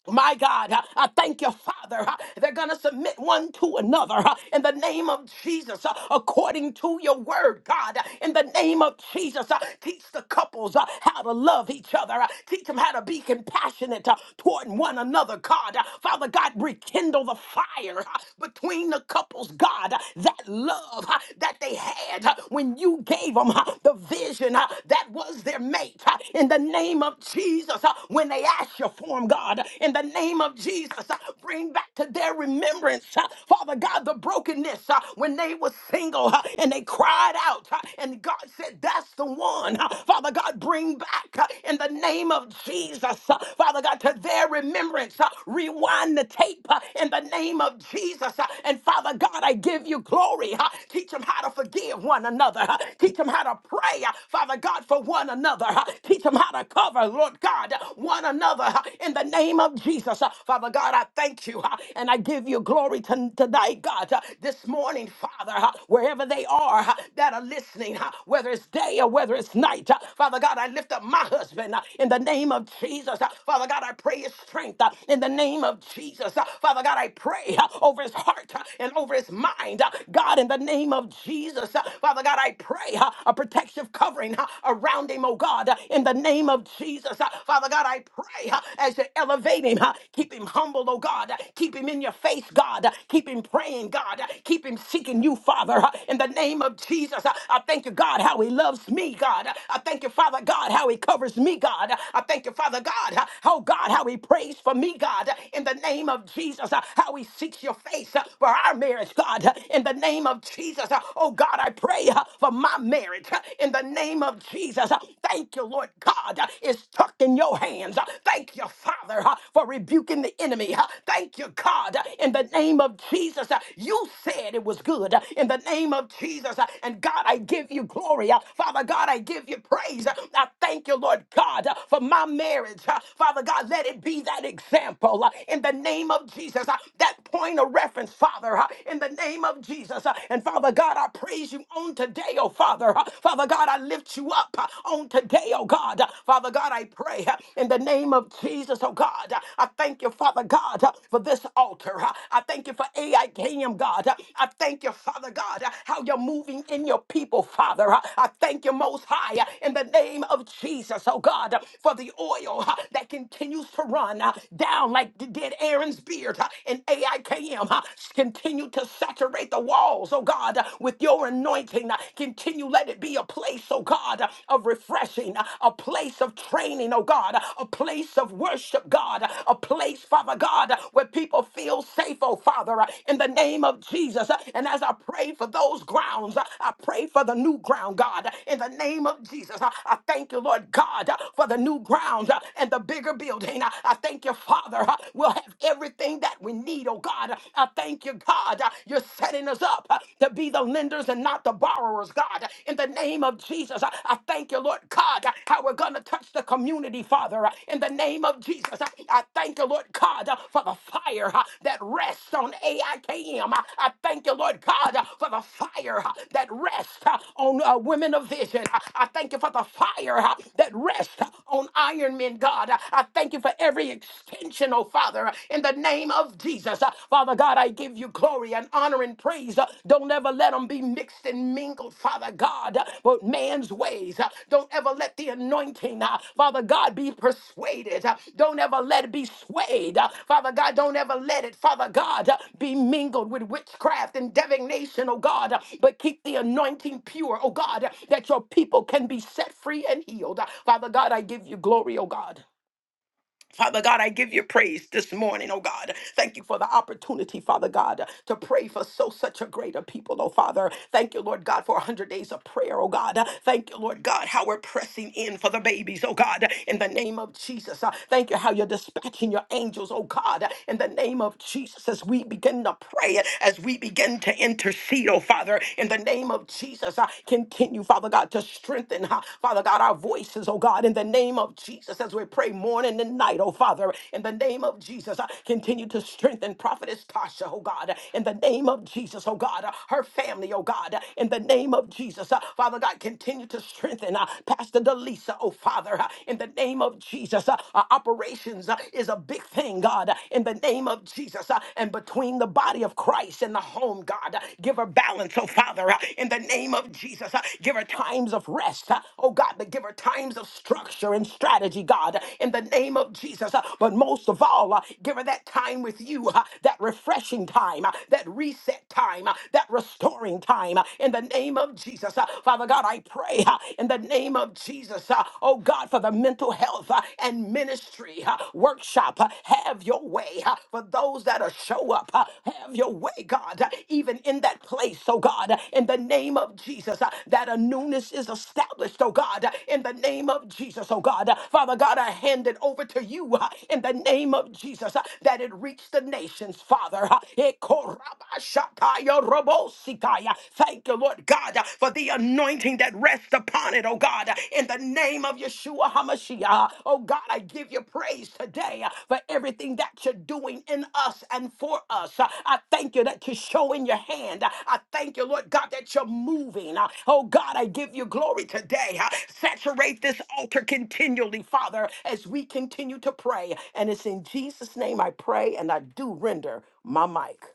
Speaker 1: My God, I I thank you, Father. Uh, They're going to submit one to another uh, in the name of Jesus, uh, according to your word, God. Uh, In the name of Jesus, uh, teach the couples uh, how to love each other. Uh, Teach them how to be compassionate uh, toward one another, God. Uh, Father God, rekindle the fire uh, between the couples, God. Uh, That love uh, that they had uh, when you gave them the vision uh, that was their mate. Uh, In the name of Jesus, uh, when they ask you for them, God, in the name of Jesus, uh, bring back to their remembrance, uh, Father God, the brokenness uh, when they were single uh, and they cried out, uh, and God said, That's the one, Uh, Father God, bring back uh, in the name of Jesus, uh, Father God, to their remembrance, uh, rewind the tape uh, in the name of Jesus, uh, and Father God, I give you glory, uh, teach them how to forgive one another, uh, teach them how to pray, uh, Father God, for one another, uh, Teach them how to cover, Lord God, one another huh, in the name of Jesus. Uh, Father God, I thank you huh, and I give you glory to, tonight, God. uh, This morning, Father, huh, wherever they are huh, that are listening, huh, whether it's day or whether it's night, huh. Father God, I lift up my husband huh, in the name of Jesus. huh. Father God, I pray his strength huh, in the name of Jesus. huh. Father God, I pray huh, over his heart huh, and over his mind. huh. God, in the name of Jesus, huh. Father God, I pray huh, a protective cover covering uh, around him, oh God, uh, in the name of Jesus. Uh, Father God, I pray uh, as you elevate him, uh, keep him humble, oh God, Uh, keep him in your face, God, Uh, keep him praying, God, Uh, keep him seeking you, Father, Uh, in the name of Jesus. Uh, I thank you, God, how he loves me, God. Uh, I thank you, Father God, how he covers me, God. Uh, I thank you, Father God, uh, oh God, how he prays for me, God, Uh, in the name of Jesus, uh, how he seeks your face uh, for our marriage, God, Uh, in the name of Jesus. Uh, Oh God, I pray. uh, uh, for my marriage uh, in the name of Jesus. Uh, Thank you, Lord God. uh, It's tucked in your hands. Uh, Thank you, Father, uh, for rebuking the enemy. Uh, Thank you, God, uh, in the name of Jesus. Uh, You said it was good uh, in the name of Jesus. Uh, And God, I give you glory. Uh, Father God, I give you praise. Uh, I thank you, Lord God, uh, for my marriage. Uh, Father God, let it be that example uh, in the name of Jesus. Uh, That point of reference, Father, uh, in the name of Jesus. Uh, and Father God, I praise you on today, oh Father. Uh, Father God, I lift you up uh, on today, oh God. Uh, Father God, I pray uh, in the name of Jesus, oh God. Uh, I thank you, Father God, uh, for this altar. Uh, I thank you for AIKM, God. Uh, I thank you, Father God, uh, how you're moving in your people, Father. Uh, I thank you most high uh, in the name of Jesus, oh God, uh, for the oil uh, that continues to run uh, down like d- did Aaron's beard uh, in AIKM. uh, Continue to saturate the walls, oh God, with your anointing. Continue, let it be a place, oh God, of refreshing, a place of training, oh God, a place of worship, God, a place, Father God, where people feel safe, oh Father, in the name of Jesus. And as I pray for those grounds, I pray for the new ground, God, in the name of Jesus. I thank you, Lord God, for the new ground and the bigger building. I thank you, Father. We'll have everything that that we need, oh God. I thank you, God. You're setting us up uh, to be the lenders and not the borrowers, God. In the name of Jesus, I I thank you, Lord God, how we're going to touch the community, Father. In the name of Jesus, I I thank you, Lord God, for the fire uh, that rests on AIKM. I K M. I I thank you, Lord God, for the fire uh, that rests uh, on uh, women of vision. I I thank you for the fire uh, that rests on Iron Men, God. I thank you for every extension attention, oh Father, in the name of Jesus. Uh, Father God, I give you glory and honor and praise. Uh, Don't ever let them be mixed and mingled, Father God, uh, with man's ways. Uh, Don't ever let the anointing, uh, Father God, be persuaded. Uh, Don't ever let it be swayed. Uh, Father God, don't ever let it, Father God, uh, be mingled with witchcraft and divination, oh God. Uh, But keep the anointing pure, oh God, uh, that your people can be set free and healed. Uh, Father God, I give you glory, oh God. Father God, I give you praise this morning, oh God. Thank you for the opportunity, Father God, to pray for so such a greater people, oh Father. Thank you, Lord God, for 100 days of prayer, oh God. Thank you, Lord God, how we're pressing in for the babies, oh God, in the name of Jesus. Uh, Thank you how you're dispatching your angels, oh God, in the name of Jesus, as we begin to pray, as we begin to intercede, oh Father, in the name of Jesus. Uh, Continue, Father God. God, to strengthen, uh, Father God, our voices, oh God, in the name of Jesus, as we pray morning and night, oh Father, in the name of Jesus, uh, continue to strengthen Prophetess Tasha, oh God, in the name of Jesus, oh God, uh, her family, oh God, uh, in the name of Jesus, uh, Father God, continue to strengthen uh, Pastor Delisa, oh Father, uh, in the name of Jesus, uh, uh, operations uh, is a big thing, God, uh, in the name of Jesus, uh, and between the body of Christ. Christ in the home, God. Uh, Give her balance, oh Father, uh, in the name of Jesus. Uh, Give her times of rest, uh, oh God, but give her times of structure and strategy, God, uh, in the name of Jesus. Uh, But most of all, uh, give her that time with you, uh, that refreshing time, uh, that reset time, uh, that restoring time, uh, in the name of Jesus. Uh, Father God, I pray uh, in the name of Jesus, uh, oh God, for the mental health uh, and ministry ministry uh, workshop. uh, Have your way uh, for those that are show up. uh, Have your way, God, uh, even in that place, oh God, uh, in the name of Jesus, uh, that a newness is established, oh God, uh, in the name of Jesus, oh God. Uh, Father God, I hand it over to you uh, in the name of Jesus, uh, that it reach the nations, Father. Uh, Ekorabashataya robosikaya. Thank you, Lord God, uh, for the anointing anointing that rests upon it, oh God, in the name of Yeshua HaMashiach. Oh God, I give you praise today uh, for everything that you're doing in us and for us. Uh, I thank you that you're showing your hand. Uh, I thank you, Lord God, that you're moving. Uh, Oh God, I give you glory today. Uh, Saturate this altar continually, Father, as we continue to pray. And it's in Jesus' name I pray, and I do render my mic.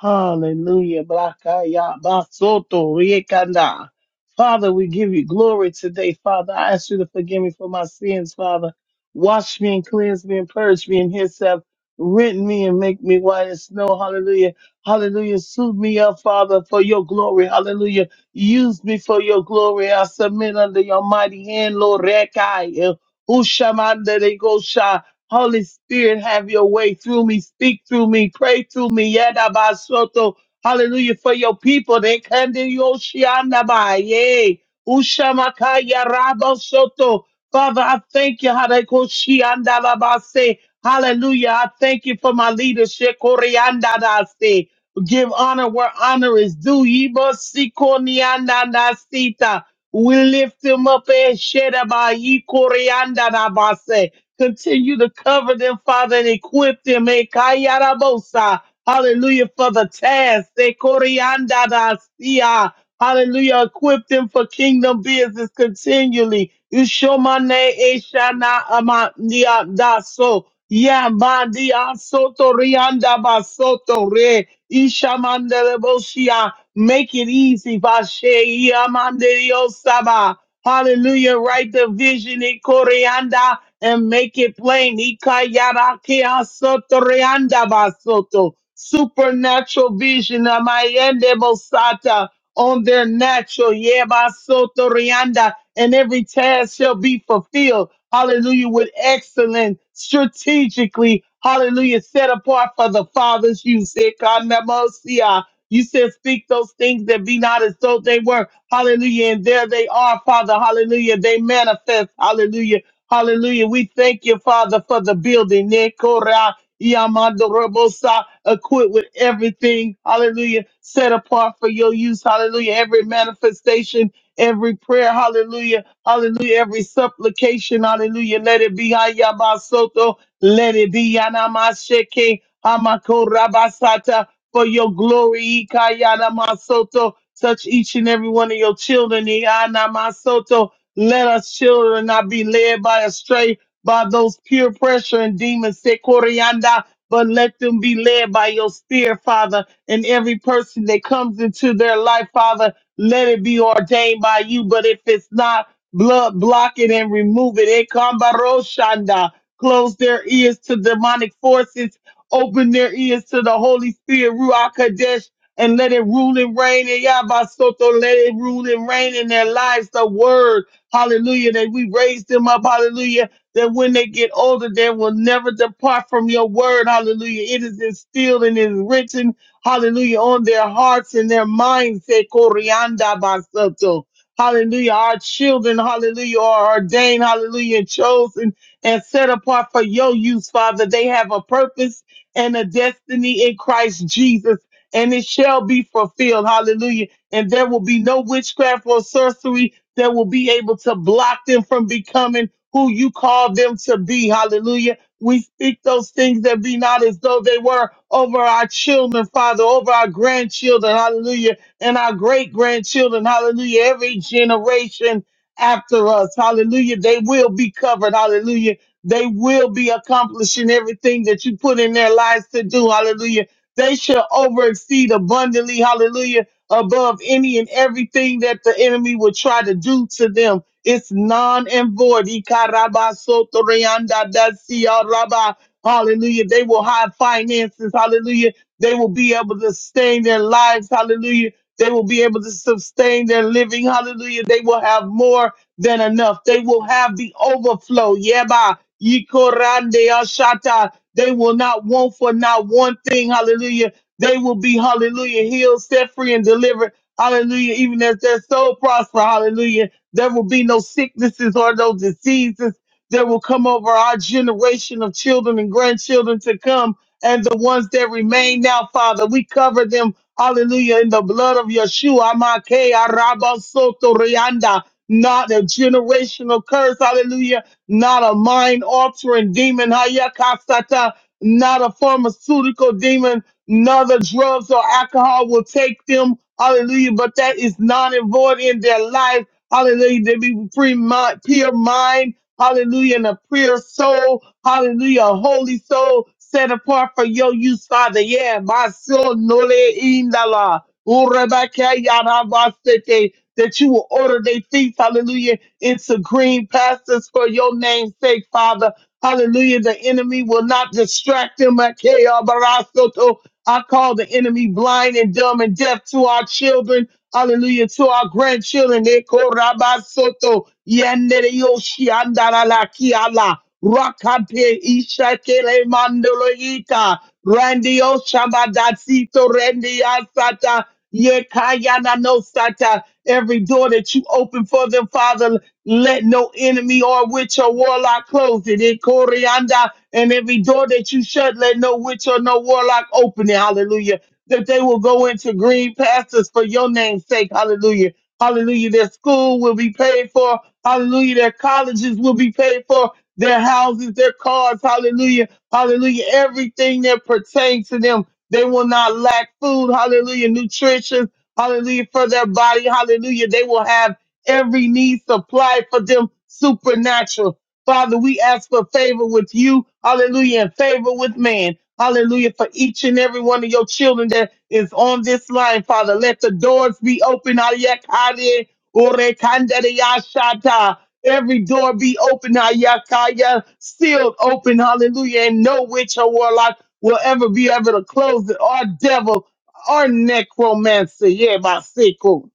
Speaker 2: Hallelujah. Blakaya basoto riekanda. Father, we give you glory today, Father. I ask you to forgive me for my sins, Father. Wash me and cleanse me and purge me and hyssop. Rent me and make me white as snow. Hallelujah. Hallelujah. Suit me up, Father, for your glory. Hallelujah. Use me for your glory. I submit under your mighty hand, Lord. Rekai. Ushamanda Holy Spirit, have your way through me, speak through me, pray through me. Yadabasoto. Hallelujah for your people. They can do your shianaba. Yay. Ushamakaya Rabo Soto. Father, I thank you. Hadekoshiandalabase. Hallelujah. I thank you for my leadership. Koreandadase. Give honor where honor is due. Yibosikoniandadasita. We lift him up. Eshedaba. Yikoreandadabase. Continue to cover them, Father, and equip them. Eh, kayarabosa. Hallelujah for the task. Eh, koriandadasia. Hallelujah. Equip them for kingdom business continually. Ushomane eshana amandia daso. Yamandia soto rianda basoto re. Ishamandelebosia. Make it easy. Vashe yamandelio saba. Hallelujah. Write the vision in Koreanda and make it plain. Ikayara kea sotorianda basoto. Supernatural vision. Amayende Mosata on their natural. Yeba sotorianda. And every task shall be fulfilled. Hallelujah. With excellence, strategically. Hallelujah. Set apart for the Father's use. Ikanemosia. You said, Speak those things that be not as though they were. Hallelujah. And there they are, Father. Hallelujah. They manifest. Hallelujah. Hallelujah. We thank you, Father, for the building. Nekora Yamandorobosa, equipped with everything. Hallelujah. Set apart for your use. Hallelujah. Every manifestation, every prayer. Hallelujah. Hallelujah. Every supplication. Hallelujah. Let it be. Ayabasoto. Let it be. Yanamasheke. Amakorabasata for your glory. Ikayana Masoto. Touch each and every one of your children. Iyana Masoto. Let us children not be led by astray by those peer pressure and demons. Sekorianda. But let them be led by your spirit, Father. And every person that comes into their life, Father, let it be ordained by you. But if it's not, blood block it and remove it. Ekamba Close their ears to demonic forces. Open their ears to the Holy Spirit, Ruach Kadesh, and let it rule and reign in Yabasoto. Let it rule and reign in their lives, the word. Hallelujah. That we raise them up. Hallelujah. That when they get older, they will never depart from your word. Hallelujah. It is instilled and is written. Hallelujah. On their hearts and their minds. Say, Corianda Basoto. Hallelujah. Our children, hallelujah, are ordained, hallelujah, and chosen and set apart for your use, Father. They have a purpose and a destiny in Christ Jesus, and it shall be fulfilled. Hallelujah. And there will be no witchcraft or sorcery that will be able to block them from becoming who you call them to be. Hallelujah. We speak those things that be not as though they were over our children, Father, over our grandchildren, hallelujah, and our great grandchildren, hallelujah, every generation after us, hallelujah. They will be covered, hallelujah they will be accomplishing everything that you put in their lives to do. Hallelujah. They shall over exceed abundantly. Hallelujah. Above any and everything that the enemy will try to do to them. It's non and void. Ikarabasotoriandadasiaraba. Hallelujah. They will have finances. Hallelujah. They will be able to sustain their lives. Hallelujah. They will be able to sustain their living. Hallelujah. They will have more than enough. They will have the overflow. Yeah, Ikorande ashata. They will not want for not one thing. Hallelujah. They will be, hallelujah, healed, set free, and delivered. Hallelujah. Even as their soul prosper. Hallelujah. There will be no sicknesses or no diseases that will come over our generation of children and grandchildren to come. And the ones that remain now, Father, we cover them, hallelujah, in the blood of Yeshua. Amake, Araba, Soto, Rianda. Not a generational curse, hallelujah not a mind altering demon, Hayakasata, not a pharmaceutical demon, neither drugs or alcohol will take them, hallelujah, but that is non and void in their life, hallelujah, they be free mind, pure mind, hallelujah, and a pure soul, hallelujah, a holy soul set apart for your use, Father, yeah, my soul, nole indala, urebeke yarabasete, that you will order their feet, hallelujah, into green pastures for your name's sake, Father. Hallelujah. The enemy will not distract them. Akea barasoto. I call the enemy blind and dumb and deaf to our children. Hallelujah. To our grandchildren. Eko rabasoto. Yandere yoshi andara la kiala. Rakante ishakele mandolo ita. Randio shabadatito rendi asata. Yekayanosata. Every door that you open for them, Father, let no enemy or witch or warlock close it. It corianda. And every door that you shut, let no witch or no warlock open it. Hallelujah. That they will go into green pastures for your name's sake. Hallelujah. Hallelujah. Their school will be paid for. Hallelujah. Their colleges will be paid for. Their houses, their cars. Hallelujah. Hallelujah. Everything that pertains to them. They will not lack food, hallelujah, nutrition, hallelujah, for their body, hallelujah. They will have every need supplied for them supernatural. Father, we ask for favor with you, hallelujah, and favor with man. Hallelujah for each and every one of your children that is on this line, Father. Let the doors be open. Ayakade, orekandere yashata. Every door be open. Ayakaya, sealed open. Hallelujah. And no witch or warlock will ever be able to close it, Our devil, our necromancer. Yeah, my sickle.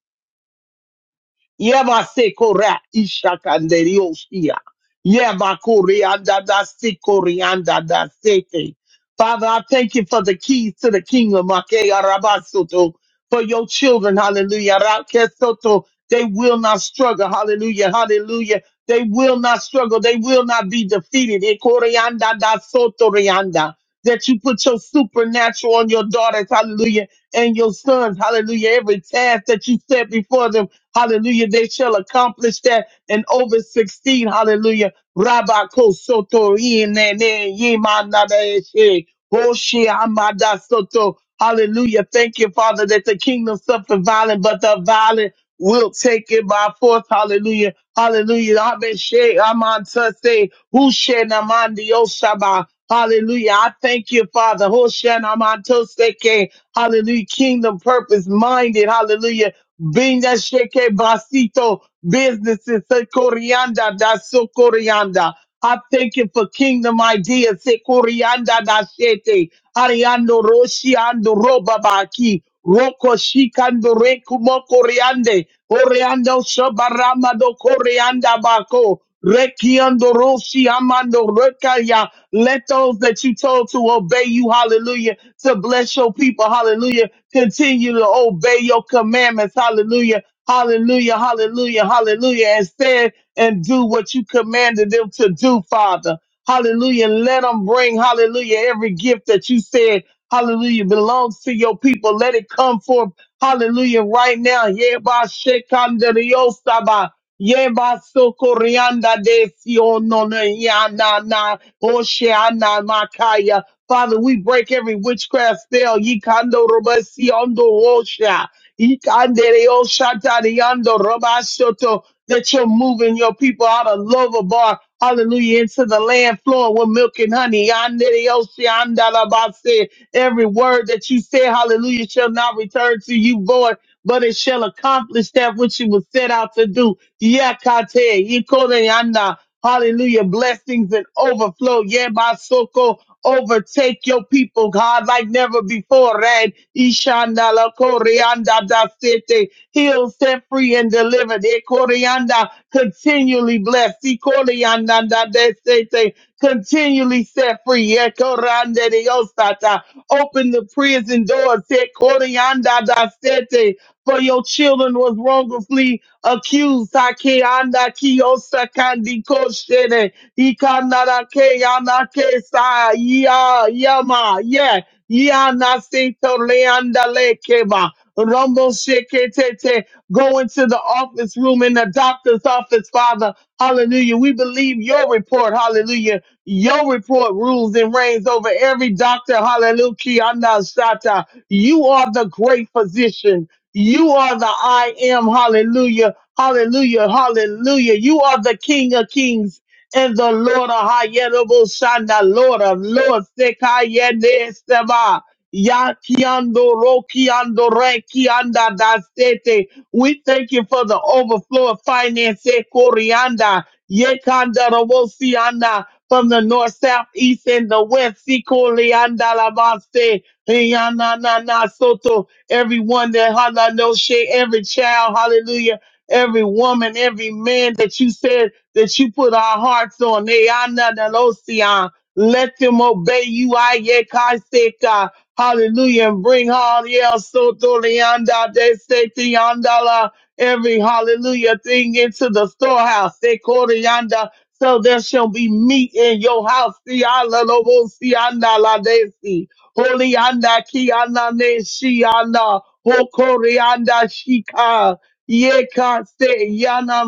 Speaker 2: Yeba sekora Yebasekora ishakanderiosia. Yebakorianda da sekorianda da seke. Father, I thank you for the keys to the kingdom. Ake arabasoto. For your children, hallelujah. Rakesoto. They will not struggle. Hallelujah. Hallelujah. They will not struggle. They will not be defeated. Ekorianda da sotorianda. That you put your supernatural on your daughters, hallelujah, and your sons, hallelujah. Every task that you set before them. Hallelujah. They shall accomplish that and over 16. Hallelujah. Rabba kosoto inene yimanadeshe. Hoshi amada soto. Hallelujah. Thank you, Father, that the kingdom suffered violent, but the violent will take it by force. Hallelujah. Hallelujah. Abeshe amantase hushena mandiosaba. Hallelujah. I thank you, Father. Hoshena mantoseke. Hallelujah. Kingdom purpose minded. Hallelujah. Binda sheke basito businesses. Sekorianda da sokorianda. I thank you for kingdom ideas. Sekorianda da shete. Ariando roshi ando robabaki. Roko shikando reku moko riande. Oreando shabarama koreanda bako. Rekiando roshi amando rekaya. Let those that you told to obey you, hallelujah, to bless your people, hallelujah, continue to obey your commandments, hallelujah, hallelujah, hallelujah, hallelujah, and stand and do what you commanded them to do, Father. Hallelujah. Let them bring, hallelujah, every gift that you said Hallelujah. Belongs to your people. Let it come forth. Hallelujah. Right now. Yeba shekanda riosaba. Yeba sokorianda de siono na yana na osheana makaya. Father, we break every witchcraft spell. Yikando robasiondo osha. Yikande oshatariando robashoto. That you're moving your people out of Lovabar. Hallelujah. Into the land flowing with milk and honey. Yande osheanda labase. Every word that you said, hallelujah, shall not return to you void, but it shall accomplish that which you was set out to do. Yakate, ikoreana, hallelujah, blessings and overflow. Yebasoko, overtake your people, God, like never before. Red, ishanda, la koreanda, da sete, heal, set free, and deliver. Ekoreanda, continually blessed. Ikoreanda, da de sete, continually set free. Ekorande, de osata. Open the prison door. Set Corianda da Sete. For your children was wrongfully accused. Hake anda Kiosa Kandi Koshene. Ikanara ke ana ke sa Ya Yama. Yeah. Yana Sito Leanda Lekeba. Rumble Shekete. Go into the office room in the doctor's office, Father. Hallelujah. We believe your report. Hallelujah your report rules and reigns over every doctor. Hallelujah. I'm not Shata. You are the great physician. You are the I am. Hallelujah. Hallelujah. Hallelujah. You are the King of Kings and the Lord of Hayerable Shanda. Lord of Lord Sekayende Seba. Yakiando Rokiando Rekianda Dasete. We thank you for the overflow of finance. eh, Corianda. Yekanda Robosianda from the north, south, east, and the west. Sikoli andalabaste, iyananana soto. Everyone that halanoshe, every child, hallelujah, every woman, every man that you said that you put our hearts on. Iyananalosia. Let them obey you. Ayekaiseka. Hallelujah. And bring Hallelujah. Soto Leanda de Seti Andala. Every hallelujah thing into the storehouse. They call Sekorianda so there shall be meat in your house. Si ala lobo si ana la Desi, si. Holy anda ki ana ne shi ana. Hokori anda shika. Yeka se yana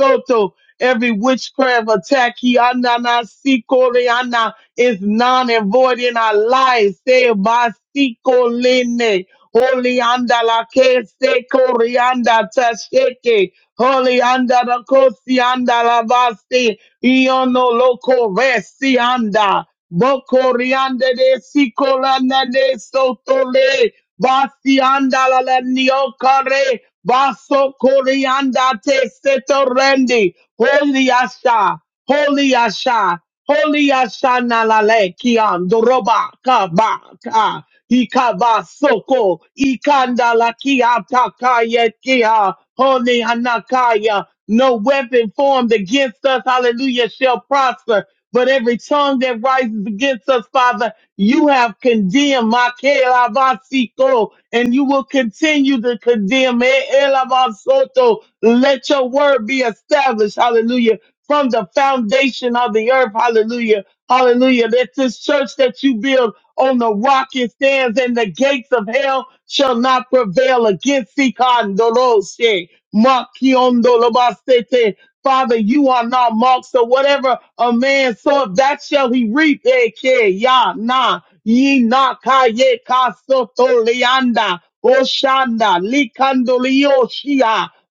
Speaker 2: masoto. Every witchcraft attack, ki ana na si kori ana, is non and void in our lives. Se ba si kolene. Holy anda la que se corianda tasheke. Holy anda la kosi anda la basti. Iono loco resi anda. Bocoriande de sicolana de sotole. vasi anda la la niocare. Basso corianda te setorende. Holy asha. Holy asha. Holy Ashana Lale Kian Doroba Kaba Ka Ikaba Soko Ikanda Lakia Takaya Kia Holy Hanakaya. No weapon formed against us, hallelujah, shall prosper. But every tongue that rises against us, Father, you have condemned Makela Basiko, and you will continue to condemn. Eh, Ela Basoto. Let your word be established. Hallelujah from the foundation of the earth. Hallelujah. Hallelujah. That this church that you build on the rock it stands, and the gates of hell shall not prevail against Sikandoloshe. Makiondolobasete. Father, you are not marked. So whatever a man soweth, that shall he reap. Eke, ya, na, ye, na, ka, ye, ka, soto, leanda, oshanda, likando,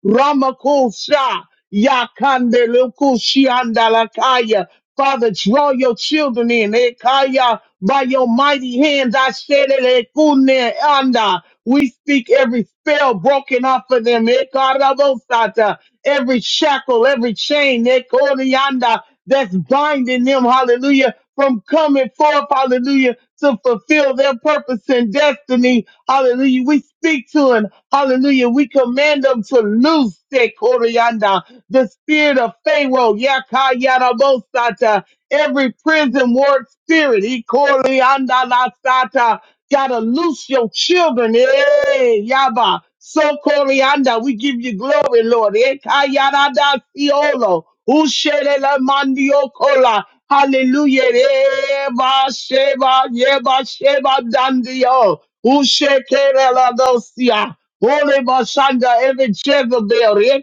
Speaker 2: ramakosha. Yakande luku shianda lakaya. Father, draw your children in. Ekaya, by your mighty hands, I said it. ekune anda. We speak every spell broken off of them. Ekarabosata. Every shackle, every chain, ekorianda, that's binding them, hallelujah, from coming forth, hallelujah to fulfill their purpose and destiny. Hallelujah. We speak to them. Hallelujah. We command them to loose their Koryanda, the spirit of Pharaoh, Yakayarabosata, every prison ward spirit, Ikorianda Lasata. Gotta loose your children. Hey, Yaba. So Corianda, we give you glory, Lord. Ekayarada siolo. Usherela mandiokola. Hallelujah. Eva sheba yeba sheba dandio. Ushekerela dosia. Holy Bashanda, every Jezebel.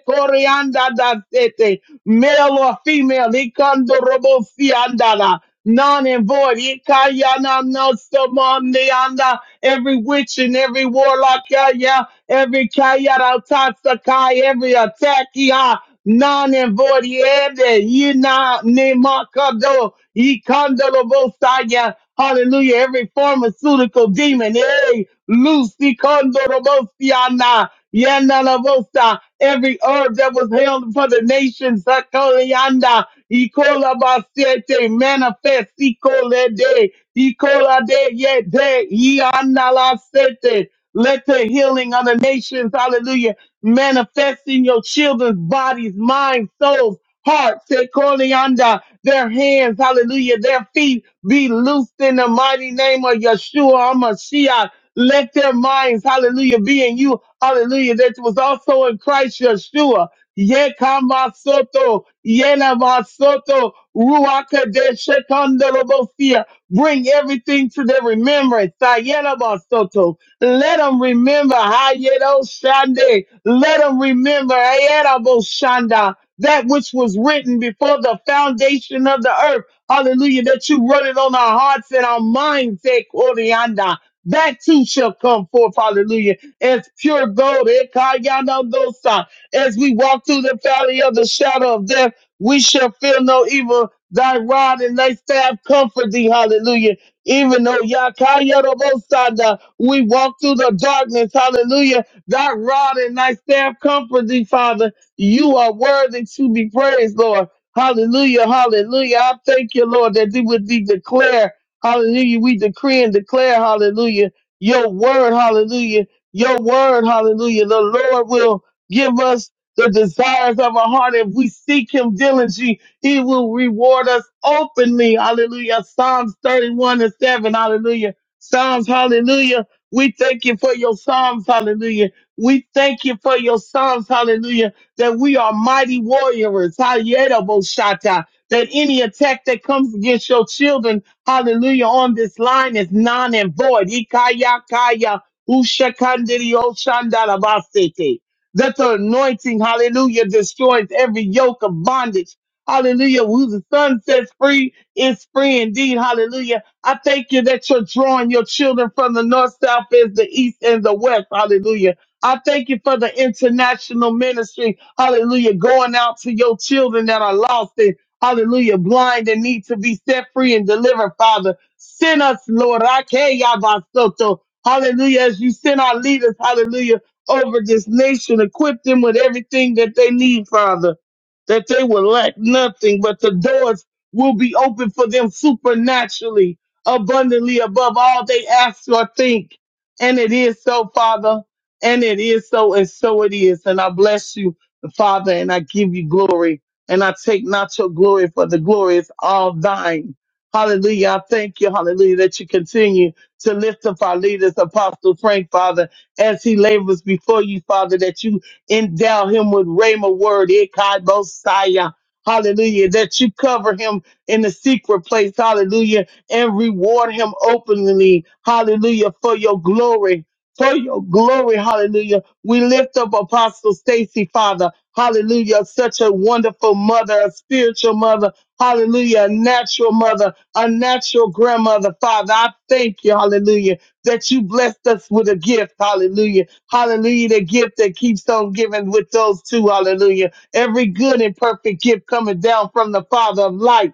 Speaker 2: Ekorianda da sete male or female, ikandorobo siandala, non and void, ikayana no samandianda, every witch and every warlock, yeah, yeah, every kayara tatsakai, every attack, yeah, non and void, yeah, yina nemakado, ikandorobo saya, Hallelujah. Every pharmaceutical demon, hey, Lucy Condorobosiana, Yanalabosa, every herb that was held for the nation, Sakolianda, Icola Basiete, manifest, Icole de, Icola de, Yede, Iana Sete. Let the healing of the nations, hallelujah, manifest in your children's bodies, minds, souls hearts, they're calling under their hands, hallelujah, their feet be loosed in the mighty name of Yeshua HaMashiach. Let their minds, hallelujah, be in you, hallelujah, that was also in Christ Yeshua. Yekamasoto, Yenamasoto, Ruakadeshekandolobosia. Bring everything to their remembrance. Tayenamasoto. Let them remember Hayedo Shande. Let them remember Hayedabo Shanda. That which was written before the foundation of the earth. Hallelujah. That you wrote it on our hearts and our minds. Ekorianda. That too shall come forth. Hallelujah. As pure gold. Ekayana dosa. As we walk through the valley of the shadow of death, we shall fear no evil. Thy rod and thy staff comfort thee. Hallelujah. Even though Yakayarabosada, we walk through the darkness. Hallelujah. Thy rod and thy staff comfort thee, Father. You are worthy to be praised, Lord. Hallelujah. Hallelujah. I thank you, Lord, that we would be declare. Hallelujah. We decree and declare. Hallelujah. Your word. Hallelujah. Your word. Hallelujah. The Lord will give us the desires of our heart. If we seek him diligently, he will reward us openly. Hallelujah. Psalms 31 and 7. Hallelujah. Psalms. Hallelujah. We thank you for your Psalms. Hallelujah. We thank you for your Psalms. Hallelujah. That we are mighty warriors. Hallelujah. Boshata. That any attack that comes against your children, hallelujah, on this line is non and void. Ikaya kaya. Ushakandiri oshandalabasete that the anointing, hallelujah, destroys every yoke of bondage. Hallelujah. Who the Son sets free is free indeed. Hallelujah. I thank you that you're drawing your children from the north, south, is the east, and the west. Hallelujah. I thank you for the international ministry. Hallelujah. Going out to your children that are lost and hallelujah, blind and need to be set free and delivered, Father. Send us, Lord. Ake Yabasoto. Hallelujah. As you send our leaders, hallelujah over this nation. Equip them with everything that they need, Father, that they will lack nothing, but the doors will be open for them supernaturally, abundantly above all they ask or think. And it is so, Father. And it is so, and so it is. And I bless you, Father, and I give you glory. And I take not your glory, for the glory is all thine. Hallelujah. I thank you, hallelujah, that you continue to lift up our leaders, Apostle Frank, Father as he labors before you, Father, that you endow him with Rhema word, Ikai Bosaya. Hallelujah. That you cover him in the secret place. Hallelujah. And reward him openly. Hallelujah. For your glory. For your glory. Hallelujah. We lift up Apostle Stacy, Father. Hallelujah. Such a wonderful mother, a spiritual mother. Hallelujah. A natural mother, a natural grandmother, Father. I thank you. Hallelujah that you blessed us with a gift. Hallelujah. Hallelujah. The gift that keeps on giving with those two. Hallelujah. Every good and perfect gift coming down from the Father of light.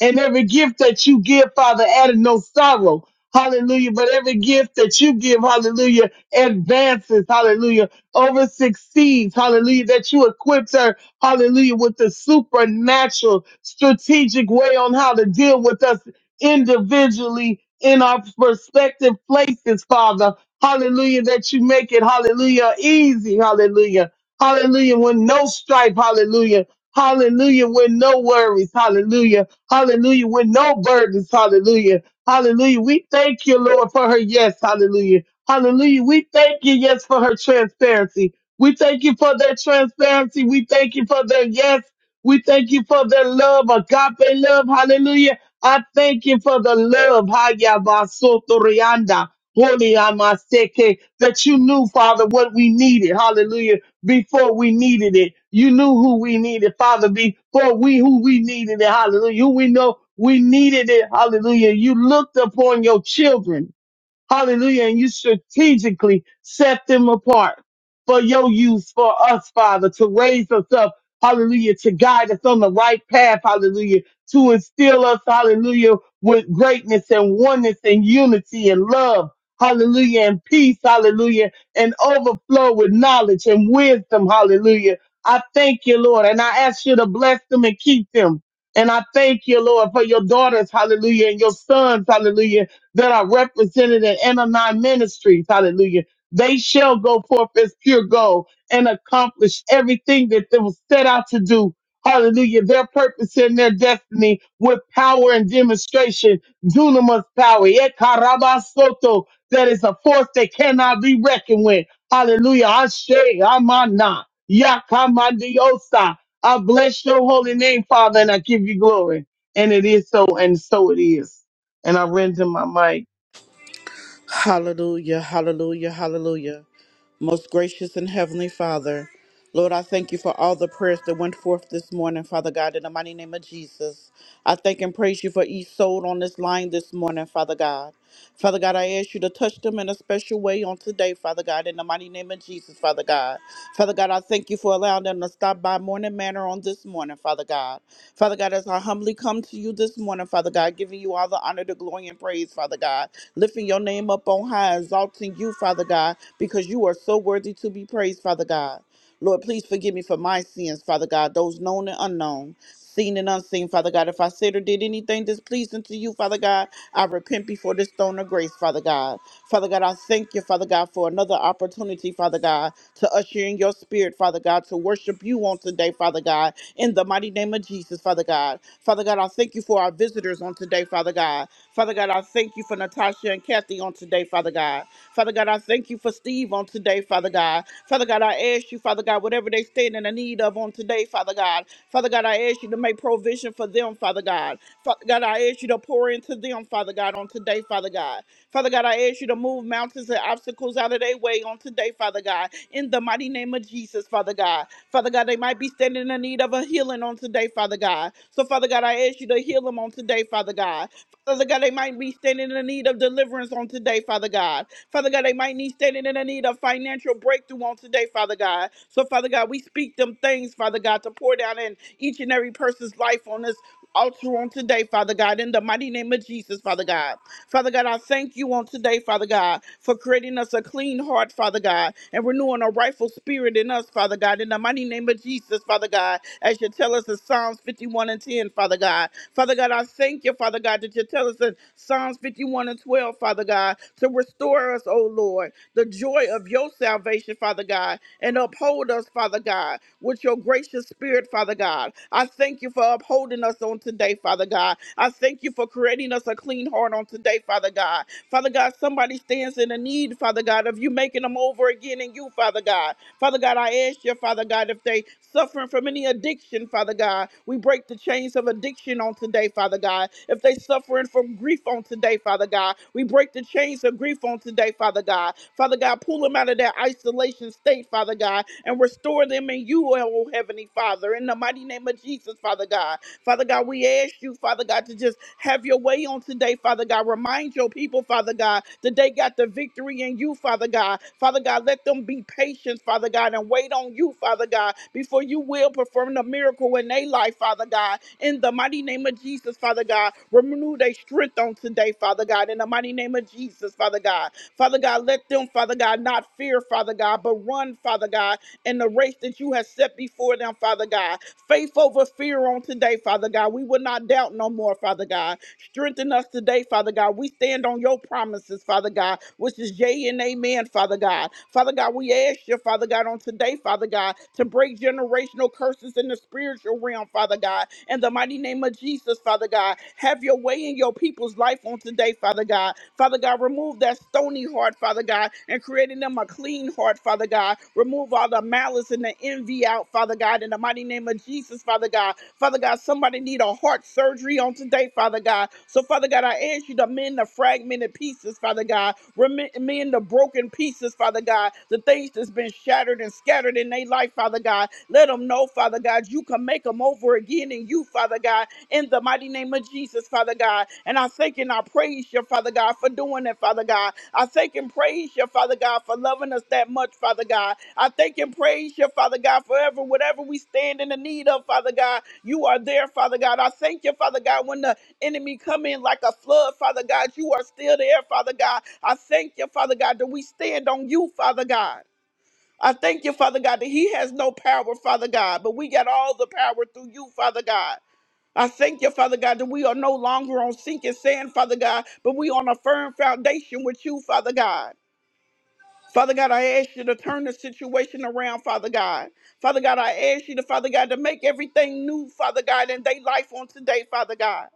Speaker 2: And every gift that you give, Father, added no sorrow. Hallelujah. But every gift that you give, hallelujah, advances, hallelujah, over succeeds, hallelujah, that you equipped her, hallelujah, with the supernatural strategic way on how to deal with us individually in our respective places, Father. Hallelujah, that you make it, hallelujah, easy, hallelujah. Hallelujah, with no strife, hallelujah. Hallelujah, with no worries, hallelujah. Hallelujah. With no burdens. Hallelujah. Hallelujah. We thank you, Lord, for her yes. Hallelujah. Hallelujah. We thank you, yes, for her transparency. We thank you for their transparency. We thank you for their yes. We thank you for their love, agape love. Hallelujah. I thank you for the love, Haya Basoto Rianda, Holy Amaseke, that you knew, Father, what we needed. Hallelujah before we needed it. You knew who we needed, Father, before we who we needed it. Hallelujah. Who we know we needed it. Hallelujah. You looked upon your children. Hallelujah. And you strategically set them apart for your use for us, Father, to raise us up. Hallelujah. To guide us on the right path. Hallelujah. To instill us. Hallelujah. With greatness and oneness and unity and love. Hallelujah. And peace. Hallelujah. And overflow with knowledge and wisdom. Hallelujah. I thank you, Lord. And I ask you to bless them and keep them. And I thank you, Lord, for your daughters. Hallelujah. And your sons. Hallelujah that are represented in MMI ministries, hallelujah, they shall go forth as pure gold and accomplish everything that they was set out to do. Hallelujah. Their purpose and their destiny with power and demonstration. Dunamis power. Ekarabasoto. That is a force that cannot be reckoned with. Hallelujah. Ashe, Amana, Yakamandiosa. I bless your holy name, Father, and I give you glory. And it is so, and so it is and I render my mic.
Speaker 3: Hallelujah, hallelujah, hallelujah. Most gracious and heavenly Father, Lord, I thank you for all the prayers that went forth this morning, Father God, in the mighty name of Jesus. I thank and praise you for each soul on this line this morning, Father God. Father God, I ask you to touch them in a special way on today, Father God, in the mighty name of Jesus, Father God. Father God, I thank you for allowing them to stop by Morning Manor on this morning, Father God. Father God, as I humbly come to you this morning, Father God, giving you all the honor, the glory, and praise, Father God lifting your name up on high, exalting you, Father God, because you are so worthy to be praised, Father God. Lord, please forgive me for my sins, Father God, those known and unknown, seen and unseen, Father God. If I said or did anything displeasing to you, Father God, I repent before this throne of grace, Father God. Father God, I thank you, Father God, for another opportunity, Father God, to usher in your spirit, Father God, to worship you on today, Father God, in the mighty name of Jesus, Father God. Father God, I thank you for our visitors on today, Father God. Father God, I thank you for Natasha and Kathy on today, Father God. Father God, I thank you for Steve on today, Father God. Father God, I ask you, Father God, whatever they stand in the need of on today, Father God. Father God, I ask you to make provision for them, Father God. Father God, I ask you to pour into them, Father God, on today, Father God. Father God, I ask you to move mountains and obstacles out of their way on today, Father God. In the mighty name of Jesus, Father God. Father God, they might be standing in the need of a healing on today, Father God. So, Father God, I ask you to heal them on today, Father God. Father God, they might be standing in the need of deliverance on today, Father God. Father God, they might need standing in the need of financial breakthrough on today, Father God. So, Father God, we speak them things, Father God, to pour down in each and every person's life on this altar on today, Father God, in the mighty name of Jesus, Father God. Father God, I thank you on today, Father God, for creating us a clean heart, Father God, and renewing a rightful spirit in us, Father God, in the mighty name of Jesus, Father God, as you tell us in Psalms 51 and 10, Father God. Father God, I thank you, Father God, that you tell us in Psalms 51 and 12, Father God, to restore us, O Lord, the joy of your salvation, Father God, and uphold us, Father God, with your gracious spirit, Father God. I thank you for upholding us on today, Father God. I thank you for creating us a clean heart on today, Father God. Father God, somebody stands in a need, Father God, of you making them over again in you, Father God. Father God, I ask you, Father God, if they suffering from any addiction, Father God, we break the chains of addiction on today, Father God. If they suffering from grief on today, Father God, we break the chains of grief on today, Father God. Father God, pull them out of that isolation state, Father God, and restore them in you, oh Heavenly Father, in the mighty name of Jesus, Father God. Father God, we ask you, Father God, to just have your way on today, Father God. Remind your people, Father God, that they got the victory in you, Father God. Father God, let them be patient, Father God, and wait on you, Father God, before you will perform the miracle in their life, Father God. In the mighty name of Jesus, Father God, renew their strength on today, Father God. In the mighty name of Jesus, Father God. Father God, let them, Father God, not fear, Father God, but run, Father God, in the race that you have set before them, Father God. Faith over fear on today, Father God. We will not doubt no more, Father God. Strengthen us today, Father God. We stand on your promises, Father God, which is yea and amen, Father God. Father God, we ask you, Father God, on today, Father God, to break generational curses in the spiritual realm, Father God. In the mighty name of Jesus, Father God, have your way in your people's life on today, Father God. Father God, remove that stony heart, Father God, and create in them a clean heart, Father God. Remove all the malice and the envy out, Father God, in the mighty name of Jesus, Father God. Father God, somebody need a heart surgery on today, Father God. So, Father God, I ask you to mend the fragmented pieces, Father God. Remi- Mend the broken pieces, Father God. The things that's been shattered and scattered in their life, Father God. Let them know, Father God, you can make them over again in you, Father God in the mighty name of Jesus, Father God. And I thank and I praise you, Father God, for doing it, Father God. I thank and praise you, Father God, for loving us that much, Father God. I thank and praise you, Father God, forever, whatever we stand in the need of, Father God, you are there, Father God. I thank you, Father God, when the enemy come in like a flood, Father God, you are still there, Father God. I thank you, Father God, that we stand on you, Father God. I thank you, Father God, that He has no power, Father God, but we got all the power through you, Father God. I thank you, Father God, that we are no longer on sinking sand, Father God, but we on a firm foundation with you, Father God. Father God, I ask you to turn the situation around, Father God. Father God, I ask you to, Father God, to make everything new, Father God, in their life on today, Father God.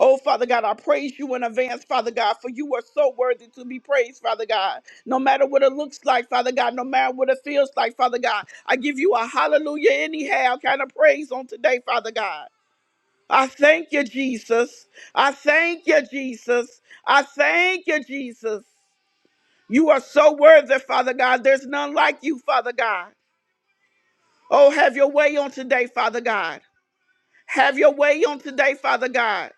Speaker 3: Oh, Father God, I praise you in advance, Father God, for you are so worthy to be praised, Father God. No matter what it looks like, Father God, no matter what it feels like, Father God, I give you a hallelujah anyhow kind of praise on today, Father God. I thank you, Jesus. I thank you, Jesus. I thank you, Jesus. You are so worthy, Father God. There's none like you, Father God. Oh, have your way on today, Father God. Have your way on today, Father God.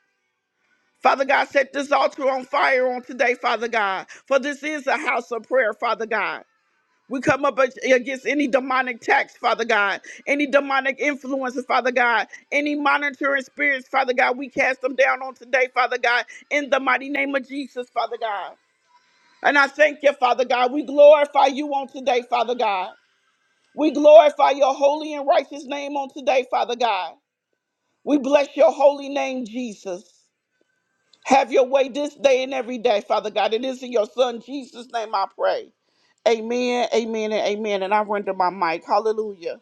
Speaker 3: Father God, set this altar on fire on today, Father God. For this is a house of prayer, Father God. We come up ag- against any demonic tax, Father God, any demonic influences, Father God, any monitoring spirits, Father God. We cast them down on today, Father God, in the mighty name of Jesus, Father God. And I thank you, Father God. We glorify you on today, Father God. We glorify your holy and righteous name on today, Father God. We bless your holy name, Jesus. Have your way this day and every day, Father God. It is in your Son Jesus' name I pray. Amen, amen, and amen. And I render my mic. Hallelujah.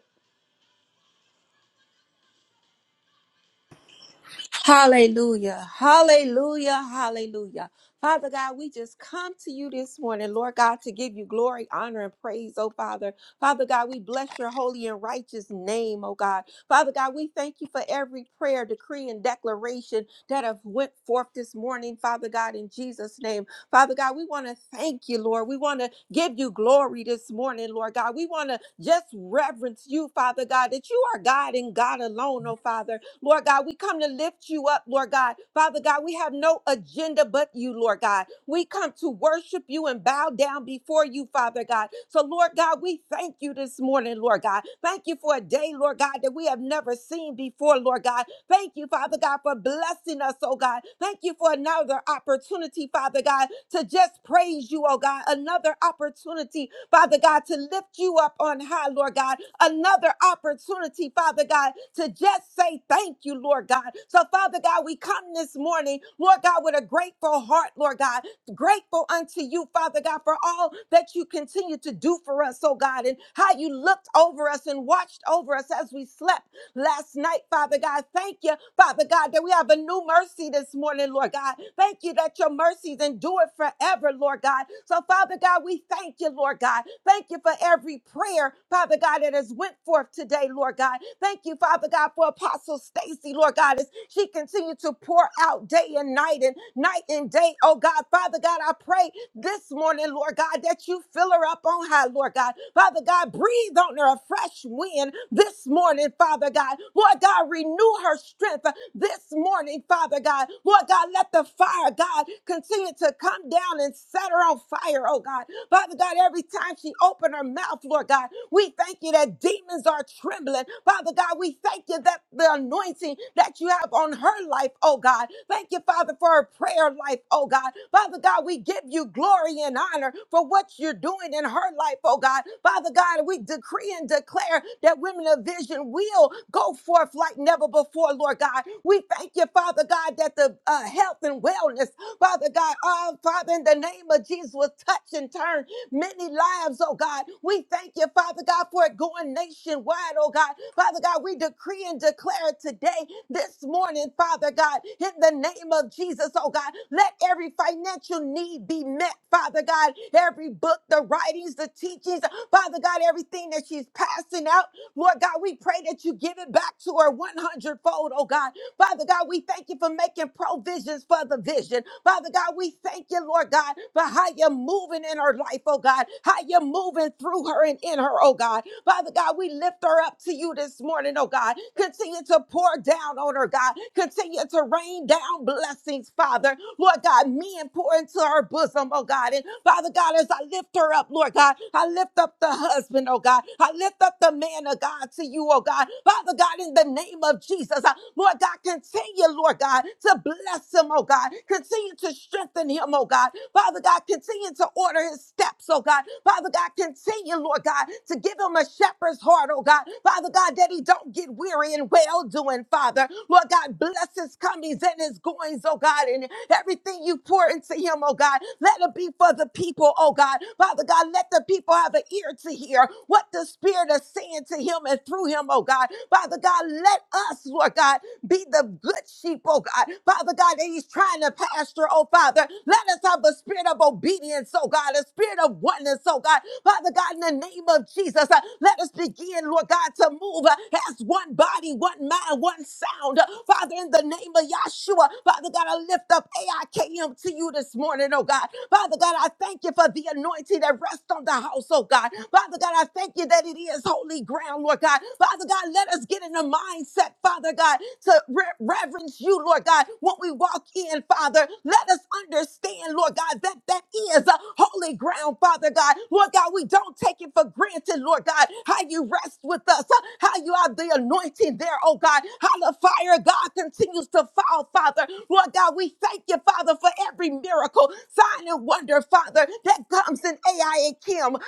Speaker 4: Hallelujah. Hallelujah. Hallelujah. Father God, we just come to you this morning, Lord God, to give you glory, honor, and praise, oh Father. Father God, we bless your holy and righteous name, oh God. Father God, we thank you for every prayer, decree, and declaration that have went forth this morning, Father God, in Jesus' name. Father God, we want to thank you, Lord. We want to give you glory this morning, Lord God. We want to just reverence you, Father God, that you are God and God alone, oh Father. Lord God. We come to lift you up, Lord God. Father God, we have no agenda but you, Lord God. We come to worship you and bow down before you, Father God. So, Lord God, we thank you this morning, Lord God. Thank you for a day, Lord God, that we have never seen before, Lord God. Thank you, Father God, for blessing us, oh God. Thank you for another opportunity, Father God, to just praise you, oh God. Another opportunity, Father God, to lift you up on high, Lord God. Another opportunity, Father God, to just say thank you, Lord God. So, Father God, we come this morning, Lord God, with a grateful heart, Lord God, grateful unto you, Father God, for all that you continue to do for us, oh God, and how you looked over us and watched over us as we slept last night, Father God. Thank you, Father God, that we have a new mercy this morning, Lord God. Thank you that your mercies endure forever, Lord God. So, Father God, we thank you, Lord God. Thank you for every prayer, Father God, that has went forth today, Lord God. Thank you, Father God, for Apostle Stacy, Lord God, as she continued to pour out day and night and night and day. Oh God, Father God, I pray this morning, Lord God, that you fill her up on high, Lord God. Father God, breathe on her a fresh wind this morning, Father God. Lord God, renew her strength this morning, Father God. Lord God, let the fire, God, continue to come down and set her on fire, oh God. Father God, every time she opened her mouth, Lord God, we thank you that demons are trembling. Father God, we thank you that the anointing that you have on her life, oh God. Thank you, Father, for her prayer life, oh God. Father God, we give you glory and honor for what you're doing in her life, oh God. Father God, we decree and declare that women of vision will go forth like never before, Lord God. We thank you, Father God, that the uh, health and wellness, Father God, oh Father, in the name of Jesus. Jesus will touch and turn many lives, oh God. We thank you, Father God, for it going nationwide, oh God. Father God, we decree and declare today, this morning, Father God, in the name of Jesus, oh God, let every financial need be met, Father God. Every book, the writings, the teachings, Father God, everything that she's passing out, Lord God, we pray that you give it back to her 100 fold, oh God. Father God, we thank you for making provisions for the vision. Father God, we thank you you, Lord God, for how you're moving in her life, oh God, how you're moving through her and in her, oh God. Father God, we lift her up to you this morning, oh God. Continue to pour down on her, God. Continue to rain down blessings, Father. Lord God, men pour into her bosom, oh God. And Father God, as I lift her up, Lord God, I lift up the husband, oh God. I lift up the man of God to you, oh God. Father God, in the name of Jesus, I, Lord God, continue, Lord God, to bless him, oh God. Continue Continue to strengthen him, oh God. Father God, continue to order his steps, oh God. Father God, continue, Lord God, to give him a shepherd's heart, oh God. Father God, that he don't get weary in well doing, Father. Lord God, bless his comings and his goings, oh God, and everything you pour into him, oh God. Let it be for the people, oh God. Father God, let the people have an ear to hear what the Spirit is saying to him and through him, oh God. Father God, let us, Lord God, be the good sheep, oh God. Father God, that he's trying to pastor, oh Father. Let us have a spirit of obedience, oh God, a spirit of oneness, oh God. Father God, in the name of Jesus, uh, let us begin, Lord God, to move uh, as one body, one mind, one sound. Uh, Father, in the name of Yahshua, Father God, I lift up AIKM to you this morning, oh God. Father God, I thank you for the anointing that rests on the house, oh God. Father God, I thank you that it is holy ground, Lord God. Father God, let us get in the mindset, Father God, to re- reverence you, you, Lord God, what we walk in, Father. Let us understand, Lord God, that that is a holy ground, Father God. Lord God, we don't take it for granted, Lord God, how you rest with us, uh, how you have the anointing there, oh God, how the fire, God, continues to fall, Father. Lord God, we thank you, Father, for every miracle, sign, and wonder, Father, that comes in AIAKM,